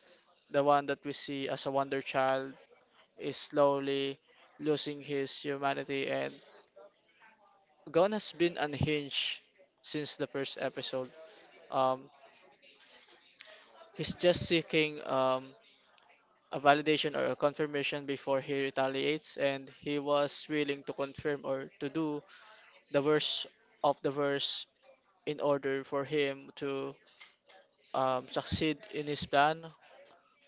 S2: the one that we see as a wonder child, is slowly losing his humanity. And Gon has been unhinged since the first episode. Um, He's just seeking um, a validation or a confirmation before he retaliates, and he was willing to confirm or to do the worst of the worst in order for him to um, succeed in his plan.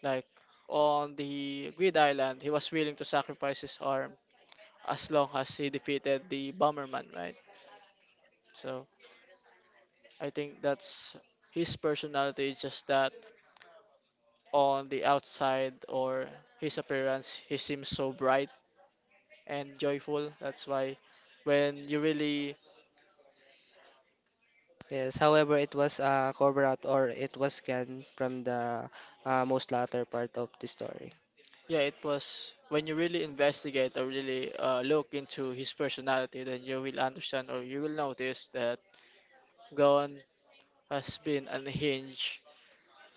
S2: Like on the Grid Island, he was willing to sacrifice his arm as long as he defeated the Bomberman, right? So I think that's his personality is just that, on the outside or his appearance, he seems so bright and joyful. That's why when you really,
S1: Yes, however, it was a cover up or it was scanned from the uh, most latter part of the story.
S2: yeah, it was when you really investigate or really uh, look into his personality, then you will understand or you will notice that Gon has been unhinged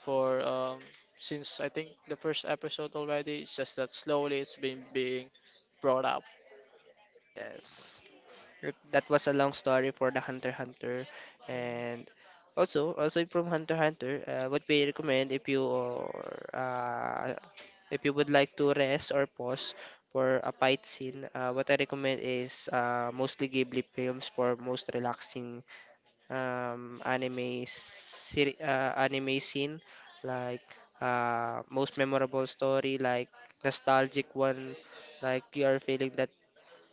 S2: for um, since I think the first episode already. It's just that slowly it's been being brought up.
S1: Yes. It- That was a long story for the Hunter x Hunter, and also also from Hunter x Hunter, uh, what we recommend if you or uh, if you would like to rest or pause for a fight scene, uh, what I recommend is uh, mostly Ghibli films for most relaxing, um, anime seri- uh, anime scene, like uh, most memorable story, like nostalgic one, like you are feeling that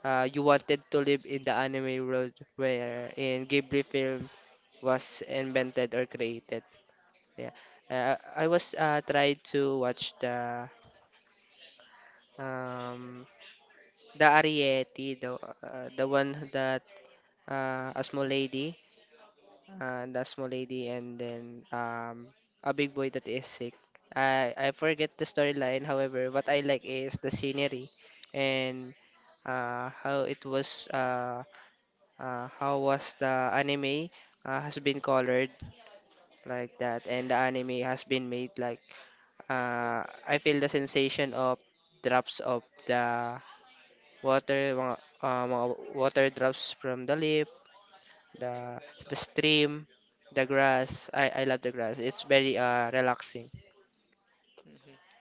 S1: uh, you wanted to live in the anime world where in Ghibli film was invented or created. Yeah, uh, I was uh, trying to watch the, um, the Ariete, the uh, the one that uh, a small lady, uh, the small lady, and then, um, a big boy that is sick. I I forget the storyline. However, what I like is the scenery, and uh, how it was uh, uh, how was the anime, uh, has been colored like that, and the anime has been made like, uh, I feel the sensation of drops of the water, mga, uh, mga water drops from the leaf, the the stream, the grass. I, I love the grass. It's very uh relaxing.
S2: Hmm.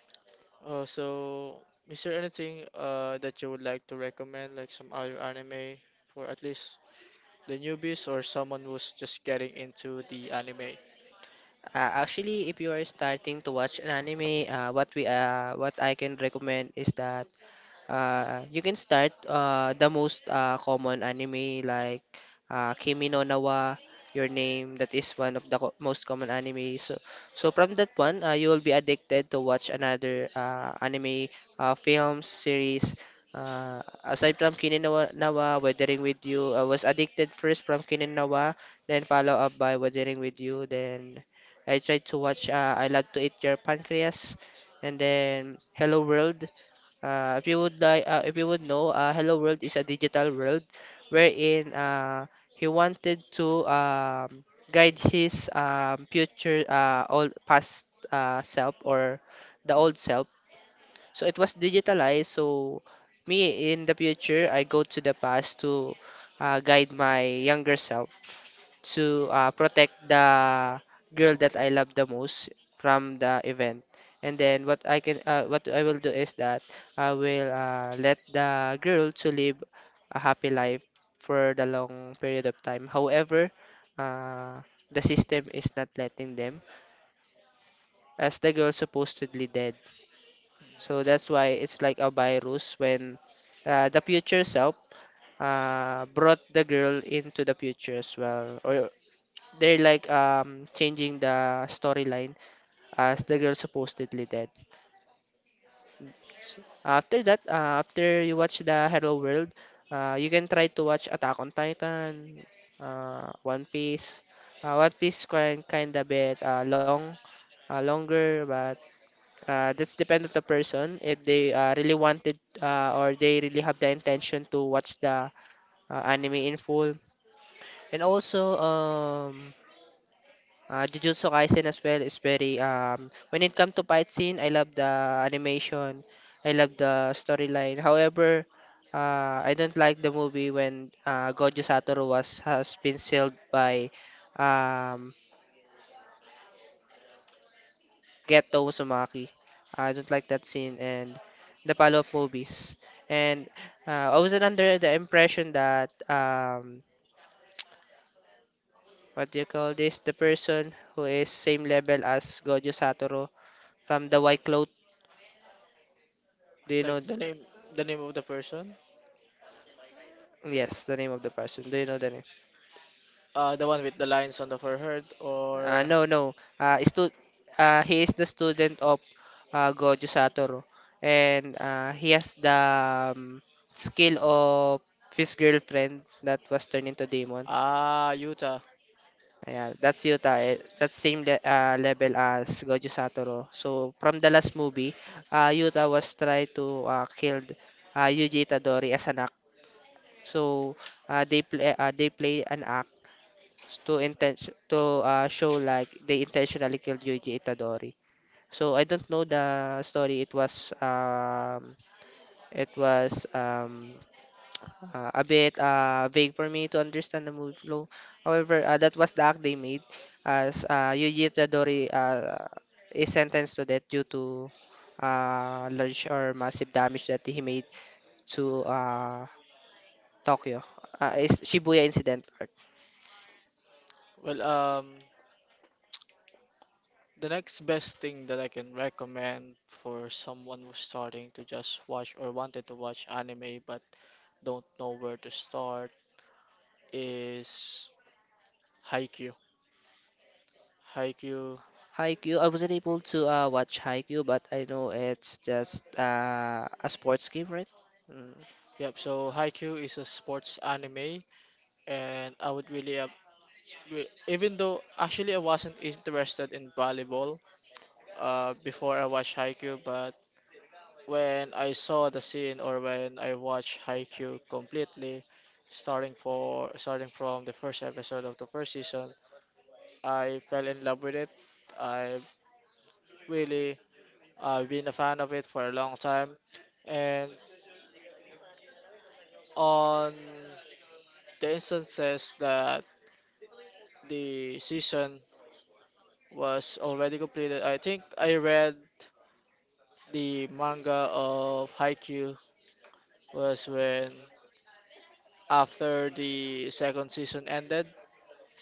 S2: Uh, so, is there anything uh, that you would like to recommend, like some other anime for at least the newbies or someone who's just getting into the anime?
S1: Uh, actually, if you are starting to watch an anime, uh, what we uh what I can recommend is the, Uh, you can start, uh, the most uh, common anime like uh, Kimi no Na wa, Your Name. That is one of the co- most common anime. So, so from that one, uh, you will be addicted to watch another uh, anime uh, films series. Uh, aside from Kimi no Wa- Na wa, Weathering with You, I was addicted first from Kimi no Na wa, then follow up by Weathering with You. Then I tried to watch uh, I Love to Eat Your Pancreas, and then Hello World. Uh, if you would like, uh, if you would know, uh, Hello World is a digital world wherein, uh, he wanted to, um, guide his, um, future, uh, old past, uh, self or the old self. So it was digitalized. So me in the future, I go to the past to uh, guide my younger self to uh, protect the girl that I love the most from the event. And then what I can uh, what I will do is that I will uh, let the girl to live a happy life for the long period of time. However, uh, the system is not letting them as the girl supposedly dead. So that's why it's like a virus when uh, the future self uh, brought the girl into the future as well, or they're like um changing the storyline as the girl supposedly dead. After that, uh, after you watch the Hello World, uh, you can try to watch Attack on Titan, uh, One Piece. Uh, One Piece kind kind of bit uh, long, uh, longer, but uh, that's depend on the person if they uh, really wanted uh, or they really have the intention to watch the uh, anime in full. And also, um, Uh, Jujutsu Kaisen as well is very um when it comes to fight scene, I love the animation, I love the storyline. However, uh, I don't like the movie when uh, Gojo Satoru was has been sealed by um Geto Uzumaki. I don't like that scene and the follow-up movies. And uh, I was under the impression that um what do you call this? The person who is same level as Gojo Satoru from the White Cloth, do you know?
S2: Like the name, the name of the person,
S1: Yes, the name of the person. Do you know the name?
S2: uh, the one with the lines on the forehead,
S1: Uh,
S2: or
S1: no, no. Uh, stu uh, He is the student of uh, Gojo Satoru, and uh, he has the um, skill of his girlfriend that was turned into demon.
S2: ah, Yuta.
S1: Yeah, that's Yuta. Eh, That's same le uh, level as Gojo Satoru. So from the last movie, uh, Yuta was try to uh, kill uh, Yuji Itadori as an act. So uh, they play uh, they play an act to intention to uh, show like they intentionally killed Yuji Itadori. So I don't know the story. It was um it was um uh, a bit uh vague for me to understand the movie flow. However, uh, that was the act they made as uh, Yuji Itadori uh, is sentenced to death due to uh large or massive damage that he made to uh Tokyo. Uh, is Shibuya incident.
S2: Well, um, the next best thing that I can recommend for someone who's starting to just watch or wanted to watch anime but don't know where to start is Haikyuu. Haikyuu.
S1: Haikyuu, I wasn't able to uh, watch Haikyuu, but I know it's just uh, a sports game, right? Mm.
S2: Yep, so Haikyuu is a sports anime, and I would really we- even though actually I wasn't interested in volleyball uh, before I watched Haikyuu, but when I saw the scene or when I watched Haikyuu completely, starting for starting from the first episode of the first season, I fell in love with it. I really, I've been a fan of it for a long time, and on the instances that the season was already completed, I think I read. The manga of Haikyuu was when after the second season ended,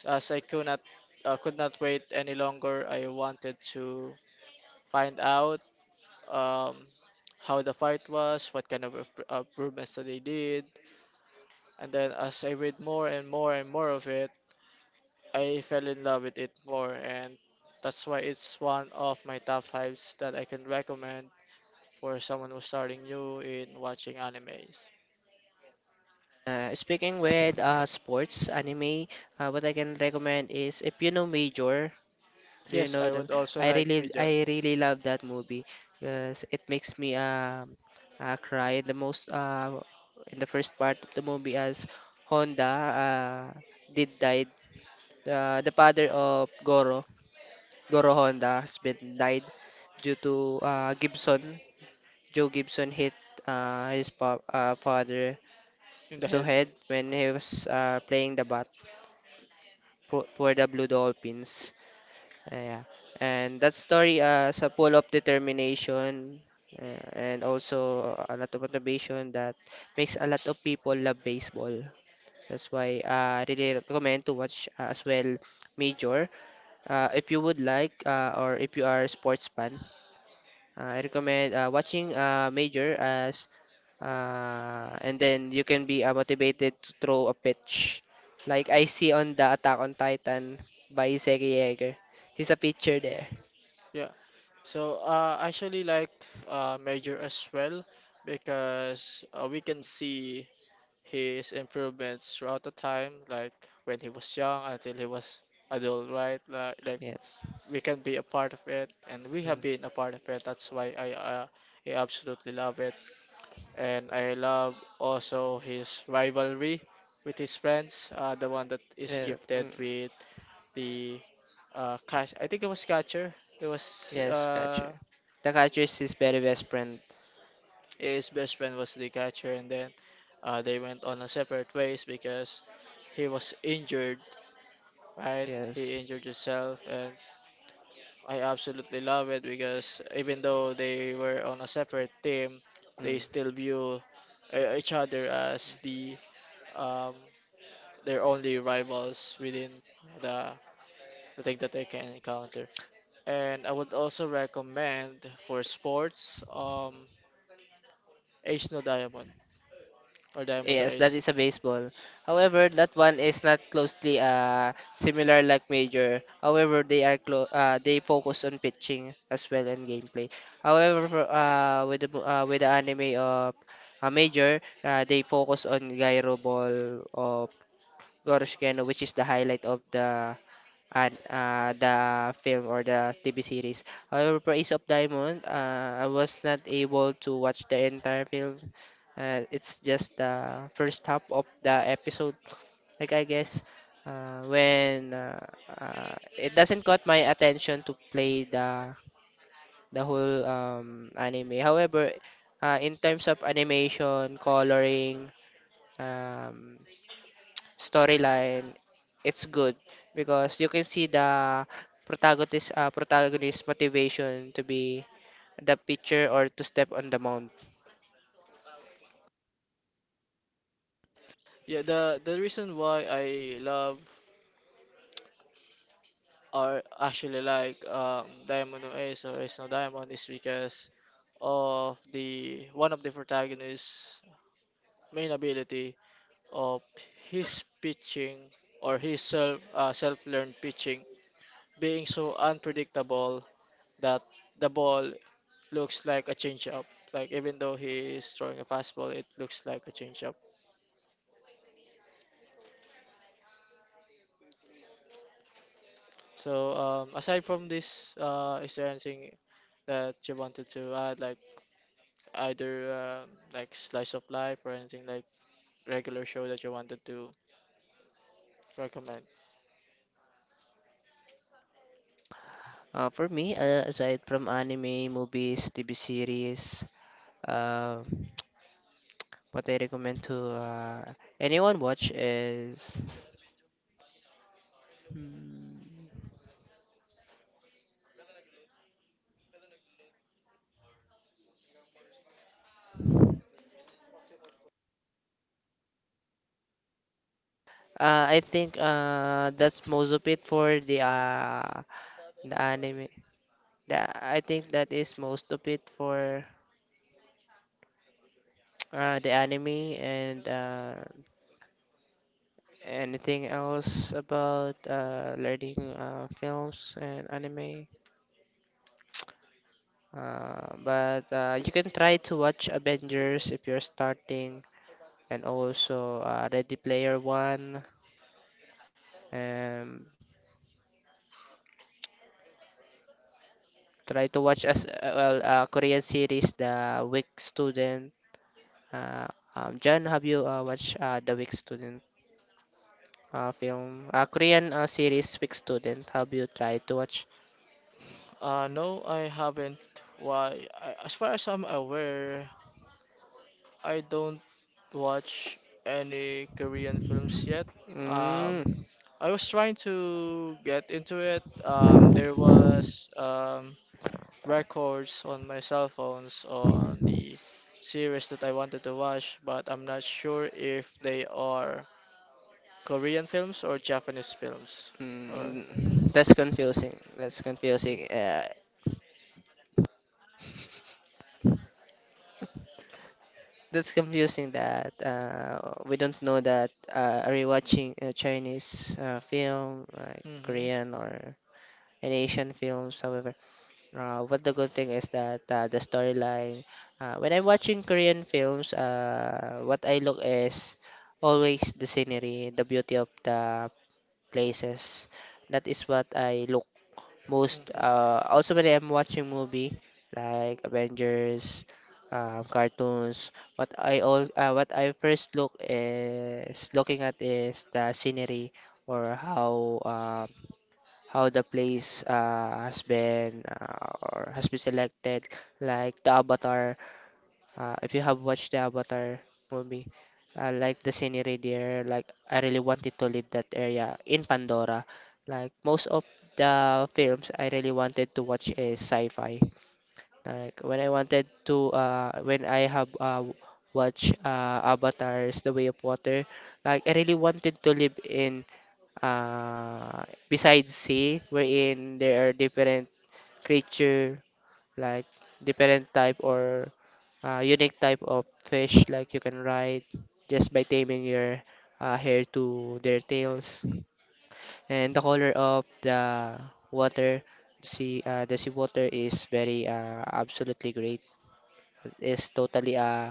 S2: as I could not uh, could not wait any longer, I wanted to find out um, how the fight was, what kind of imp- uh, improvements that they did, and then as I read more and more and more of it, I fell in love with it more, and that's why it's one of my top fives that I can recommend for someone who's starting new in watching animes.
S1: Uh, speaking with uh, sports anime, uh, what I can recommend is if you know Major, do you
S2: Yes,
S1: know
S2: I
S1: them?
S2: would also
S1: I
S2: like
S1: really,
S2: Major
S1: I really love that movie because it makes me um uh, cry. The most uh, in the first part of the movie as Honda uh, did died, uh, the father of Goro Goro Honda husband died due to uh, Gibson. Joe Gibson hit uh, his pa- uh, father
S2: in the
S1: to
S2: head.
S1: head when he was uh, playing the bat for, for the Blue Dolphins. Uh, yeah. And that story uh, is a full of determination uh, and also a lot of motivation that makes a lot of people love baseball. That's why I really recommend to watch uh, as well Major uh, if you would like uh, or if you are a sports fan. Uh, I recommend uh, watching uh, Major, as uh, and then you can be uh, motivated to throw a pitch. Like I see on the Attack on Titan by Iseki Yeager. He's a pitcher there.
S2: Yeah. So uh, I actually like uh, Major as well because uh, we can see his improvements throughout the time, like when he was young until he was adult, right? Like, like
S1: Yes.
S2: we can be a part of it, and we
S1: Mm.
S2: have been a part of it. That's why I, uh, I absolutely love it, and I love also his rivalry with his friends, uh, the one that is
S1: Yeah.
S2: gifted
S1: Mm.
S2: with the uh catch, I think it was catcher. It was
S1: Yes,
S2: uh
S1: catcher. The catcher is his very best friend.
S2: his best friend was the catcher, and then uh they went on a separate ways because he was injured, right?
S1: Yes.
S2: He injured himself, and I absolutely love it because even though they were on a separate team, they
S1: Mm.
S2: still view uh, each other as the um their only rivals within the the thing that they can encounter. And I would also recommend for sports. Um, Ace No Diamond or Diamond No
S1: Yes, that
S2: Ace.
S1: is a baseball. However, that one is not closely uh similar like major. However, they are clo uh, they focus on pitching as well and gameplay. However, for, uh with the mo- uh, with the anime of a major, uh, they focus on gyro ball of Goroshkeno, which is the highlight of the, and uh, the film or the T V series. However, for Ace of Diamond, uh, I was not able to watch the entire film. Uh, it's just the first half of the episode. Like I guess uh, when uh, uh, it doesn't caught my attention to play the the whole um, anime. However, uh, in terms of animation, coloring, um, storyline, it's good because you can see the protagonist uh, protagonist motivation to be the pitcher or to step on the mound.
S2: Yeah, the the reason why I love or actually like um, Diamond No Ace or Ace No Diamond is because of the one of the protagonist's main ability of his pitching or his self uh, self-learned pitching being so unpredictable that the ball looks like a changeup. Like even though he is throwing a fastball, it looks like a changeup. So, um, aside from this, uh, is there anything that you wanted to add, like either uh, like slice of life or anything like regular show that you wanted to recommend?
S1: Uh, for me, uh, aside from anime, movies, T V series, uh, what I recommend to uh, anyone watch is, Hmm, uh, I think uh, that's most of it for the uh, the anime. The, I think that is most of it for uh, the anime and uh, anything else about uh, learning uh, films and anime. Uh, but uh, you can try to watch Avengers if you're starting, and also uh, Ready Player One. And try to watch as uh, well uh, Korean series The Weak Student. Uh, um, John, have you uh, watched uh, The Weak Student uh, film? Uh, Korean uh, series Weak Student. Have you tried to watch?
S2: Uh, no, I haven't. Why? I, as far as I'm aware, I don't watch any Korean films yet. Um,
S1: Mm.
S2: I was trying to get into it. Um, there was um, records on my cell phones on the series that I wanted to watch, but I'm not sure if they are Korean films or Japanese films. Or
S1: Mm, that's confusing. That's confusing. Uh, that's confusing that uh, we don't know that uh, are you watching a Chinese uh, film, like
S2: mm-hmm, hmm.
S1: Korean or an Asian films, however. Uh, what the good thing is that uh, the storyline, uh, when I'm watching Korean films, uh, what I look is always the scenery, the beauty of the places. That is what I look most uh also when I'm watching movie like Avengers, um, cartoons, what I all uh, what I first look is looking at is the scenery or how um how the place uh, has been uh, or has been selected, like the avatar, uh, if you have watched the Avatar movie, I like the scenery there. Like I really wanted to leave that area in Pandora. Like most of the films I really wanted to watch is sci-fi. Like when I wanted to, uh, when I have uh, watched uh, Avatar's The Way of Water, like I really wanted to live in uh, besides sea, wherein there are different creature, like different type or uh, unique type of fish like you can ride just by taming your uh, hair to their tails, and the color of the water sea, uh, the sea water is very uh, absolutely great, it's totally uh,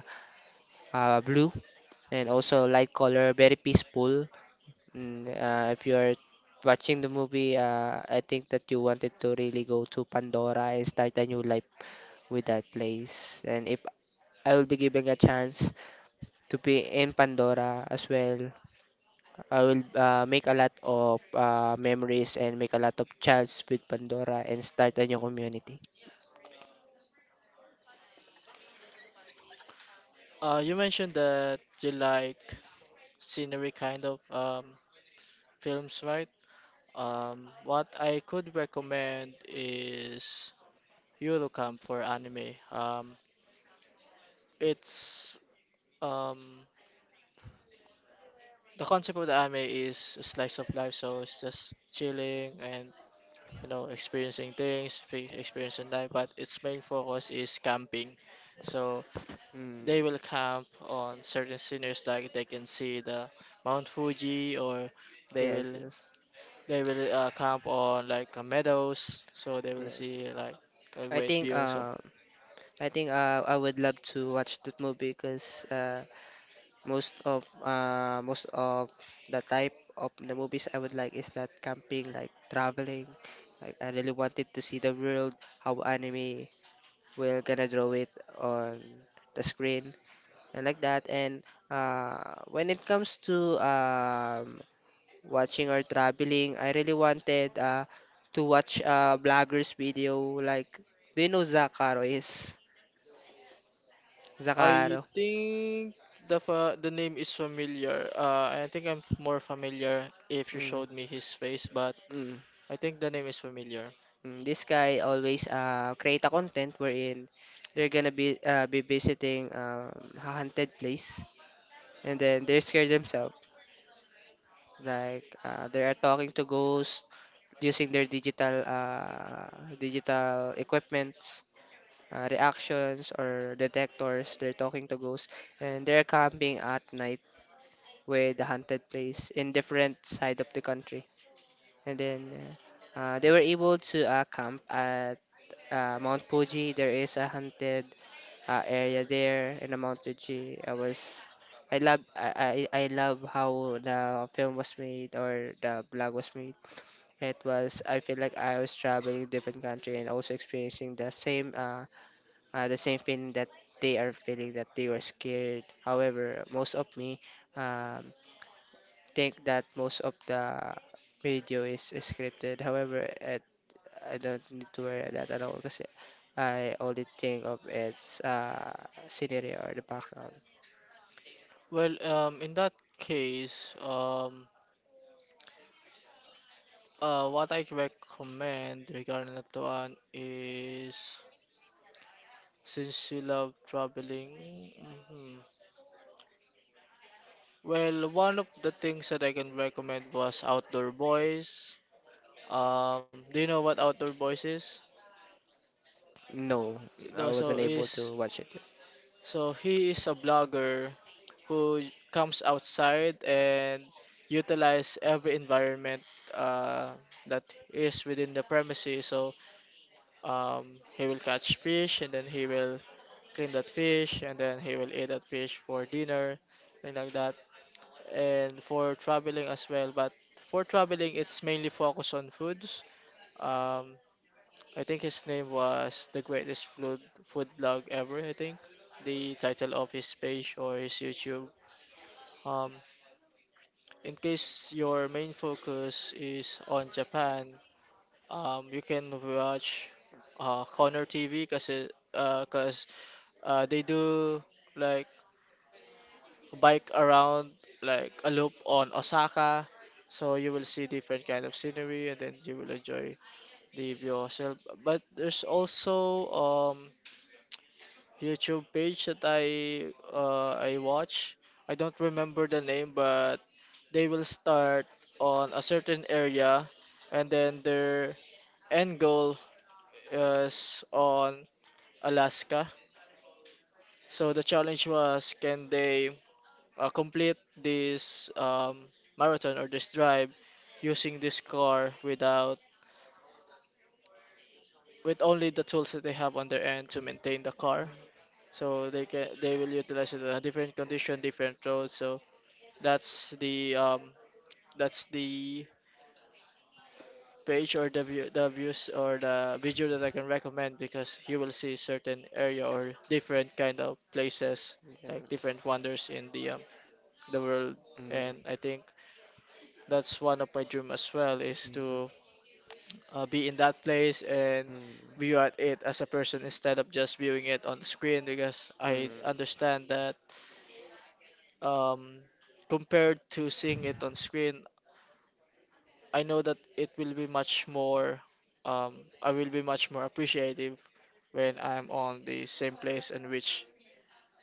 S1: uh, blue and also light color, very peaceful. Mm, uh, if you are watching the movie, uh, I think that you wanted to really go to Pandora and start a new life with that place, and if I will be giving a chance to be in Pandora as well, I will uh, make a lot of uh, memories and make a lot of chats with Pandora and start a new community.
S2: Uh, you mentioned that you like scenery kind of um, films, right? Um, what I could recommend is Eurocamp for anime. Um, it's um the concept of the anime is a slice of life, so it's just chilling and, you know, experiencing things, fe- experiencing life. But its main focus is camping, so
S1: Mm,
S2: they will camp on certain scenarios like they can see the Mount Fuji, or they
S1: yes,
S2: will,
S1: yes,
S2: they will uh, camp on like uh, meadows, so they will
S1: yes.
S2: see like a
S1: I
S2: great
S1: think
S2: view. So
S1: uh, I think uh, I would love to watch that movie because uh, most of uh, most of the type of the movies I would like is that camping, like traveling. Like I really wanted to see the world, how anime will gonna draw it on the screen. I like that. And uh, when it comes to um, watching or traveling, I really wanted uh, to watch a blogger's video. Like, do you know Zakaro is?
S2: I
S1: Zakaro.
S2: think the fa the name is familiar. Uh, I think I'm more familiar if you
S1: Mm,
S2: showed me his face, but.
S1: mm,
S2: I think the name is familiar.
S1: mm. This guy always uh, create a content wherein they're gonna be uh, be visiting um, a haunted place, and then they're scared themselves. Like, uh, they are talking to ghosts using their digital uh, digital equipments uh, reactions or detectors. They're talking to ghosts and they're camping at night with the haunted place in different side of the country. And then uh, uh, they were able to uh, camp at uh, Mount Fuji. There is a haunted uh, area there in the Mount Fuji. I was I love I, I I love how the film was made or the blog was made. It was I feel like I was traveling different country and also experiencing the same uh, uh, the same feeling that they are feeling, that they were scared. However, most of me um, think that most of the video is scripted. However, it, I don't need to worry that at all because I only think of its uh, scenery or the background.
S2: Well, um, in that case, um, uh, what I recommend regarding that one is, since you love traveling, mhm. Well, one of the things that I can recommend was Outdoor Boys. Um, do you know what Outdoor Boys is?
S1: No, I
S2: No, so
S1: wasn't able
S2: is,
S1: to watch it.
S2: so he is a blogger who comes outside and utilize every environment uh, that is within the premises. So um, he will catch fish and then he will clean that fish and then he will eat that fish for dinner, thing like that. And for traveling as well, but for traveling, it's mainly focused on foods. Um, I think his name was the greatest food food blog ever. I think the title of his page or his YouTube. Um, in case your main focus is on Japan, um, you can watch uh, Connor T V kasi uh, cause uh, they do like bike around like a loop on Osaka. So you will see different kind of scenery and then you will enjoy the view yourself. But there's also um YouTube page that I uh, I watch. I don't remember the name, but they will start on a certain area, and then their end goal is on Alaska. So the challenge was, can they uh, complete this um, marathon or this drive using this car without, with only the tools that they have on their end to maintain the car? So they can, they will utilize it in a different condition, different roads. So that's the um that's the page or the view, the views or the video that I can recommend because you will see certain area or different kind of places like
S1: Yes.
S2: different wonders in the um, the world.
S1: Mm,
S2: And I think that's one of my dream as well is
S1: mhm,
S2: to uh, be in that place and
S1: mm,
S2: view at it as a person instead of just viewing it on the screen because I
S1: mm.
S2: understand that um compared to seeing it on screen, I know that it will be much more, um, I will be much more appreciative when I'm on the same place in which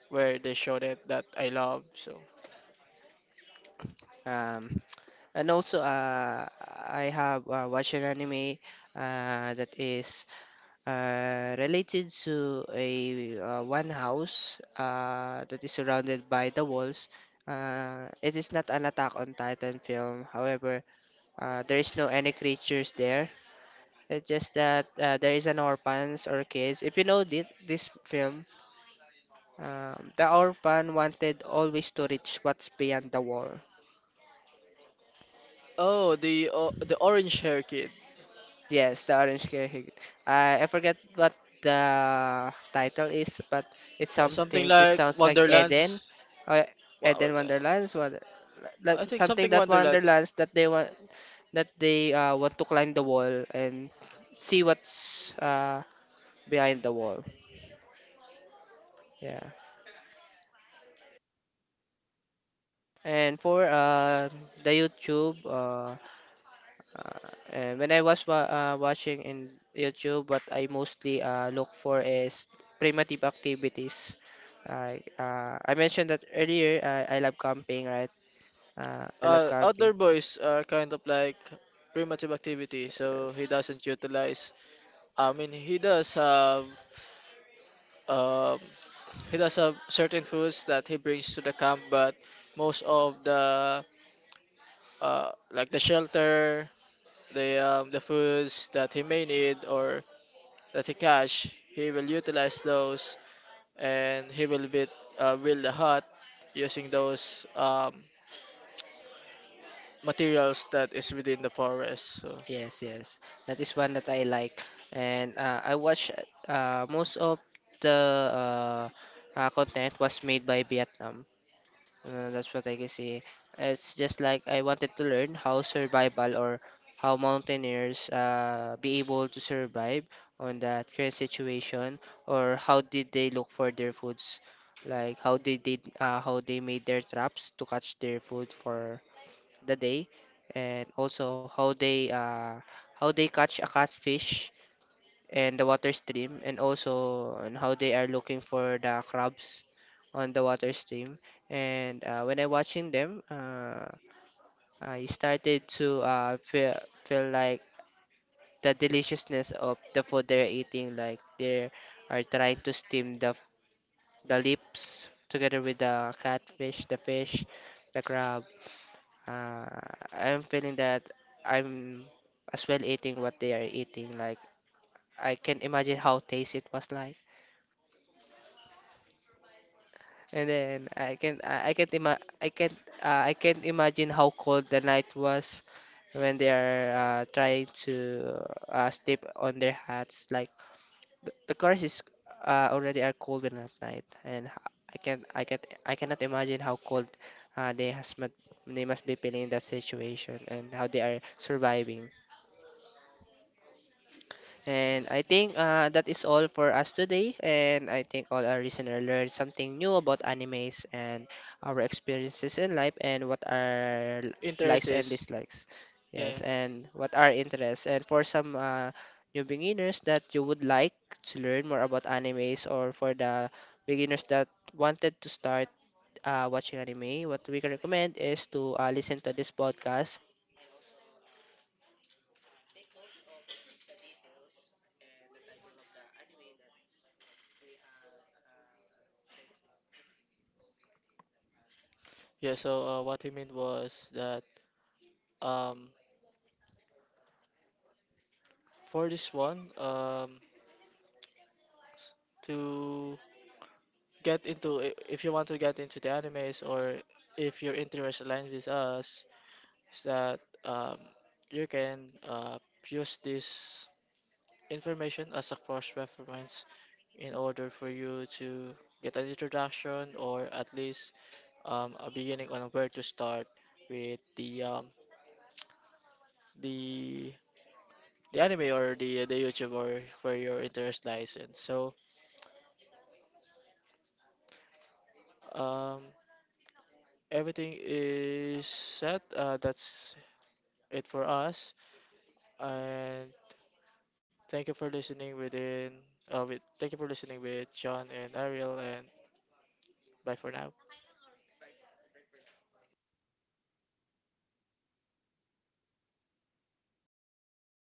S2: where they showed it that I love. So,
S1: Um, and also, uh, I have uh, watched an anime uh, that is uh, related to a uh, one house uh, that is surrounded by the walls. Uh, it is not an Attack on Titan film. However, uh, there is no any creatures there. It's just that uh, there is an orphans or kids. If you know this, this film, um, the orphan wanted always to reach what's beyond the wall.
S2: oh, the o the orange hair kid,
S1: Yes, the Orange Cahill. I I forget what the title is, but it's
S2: something
S1: something. It
S2: like
S1: sounds like Eden,
S2: Wonderlands.
S1: or
S2: Wow,
S1: Eden Wonderlands, wonder, like
S2: I think
S1: something
S2: something
S1: that
S2: Wonderlands.
S1: Wonderlands that they want, that they uh, want to climb the wall and see what's uh, behind the wall. Yeah. And for uh, the YouTube, uh, Uh, and when I was wa uh, watching in YouTube, what I mostly uh, look for is primitive activities. I uh, I mentioned that earlier. I, I love camping, right? Uh, I love
S2: Uh, outdoor
S1: camping.
S2: boys are kind of like primitive activity, so
S1: Yes,
S2: he doesn't utilize. I mean, he does have um he does have certain foods that he brings to the camp, but most of the uh, like the shelter, the um, the foods that he may need or that he cash, he will utilize those, and he will build uh, build a hut using those um, materials that is within the forest. So
S1: yes, yes. That is one that I like. And uh, I watch uh, most of the uh, uh, content was made by Vietnam. Uh, that's what I can see. It's just like I wanted to learn how survival or how mountaineers uh, be able to survive on that current situation, or how did they look for their foods, like how they did, uh, how they made their traps to catch their food for the day, and also how they uh, how they catch a catfish and the water stream, and also on how they are looking for the crabs on the water stream. And uh, when I watching them, uh, I started to uh, feel feel like the deliciousness of the food they're eating, like they are trying to steam the the lips together with the catfish, the fish, the crab. uh, I'm feeling that I'm as well eating what they are eating, like I can imagine how tasty it was. Like, and then I can I I can't ima I can't uh, I can't imagine how cold the night was when they are uh, trying to uh, sleep on their hats. Like the, the cars is uh, already are cold when at night, and h- I can't I can't I cannot imagine how cold uh, they has must they must be feeling in that situation and how they are surviving. And I think uh, that is all for us today. And I think all our listeners learned something new about animes and our experiences in life and what are
S2: interest
S1: likes and
S2: is,
S1: dislikes. Yes,
S2: yeah,
S1: and what are interests. And for some uh, new beginners that you would like to learn more about animes, or for the beginners that wanted to start uh, watching anime, what we can recommend is to uh, listen to this podcast and also. Uh, uh, take notes of the details and the title of the anime that we have um, shared to you.
S2: yeah. So uh, what he meant was that um, for this one um, to get into i- if you want to get into the animes or if your interest aligns with us is that um, you can uh, use this information as a cross reference in order for you to get an introduction or at least um, a beginning on where to start with the um, the the anime or the the YouTube or where your interest lies in. So um, everything is set. Uh, that's it for us. And thank you for listening within uh with thank you for listening with John and Ariel, and bye for now.
S1: Goodbye, goodbye for now.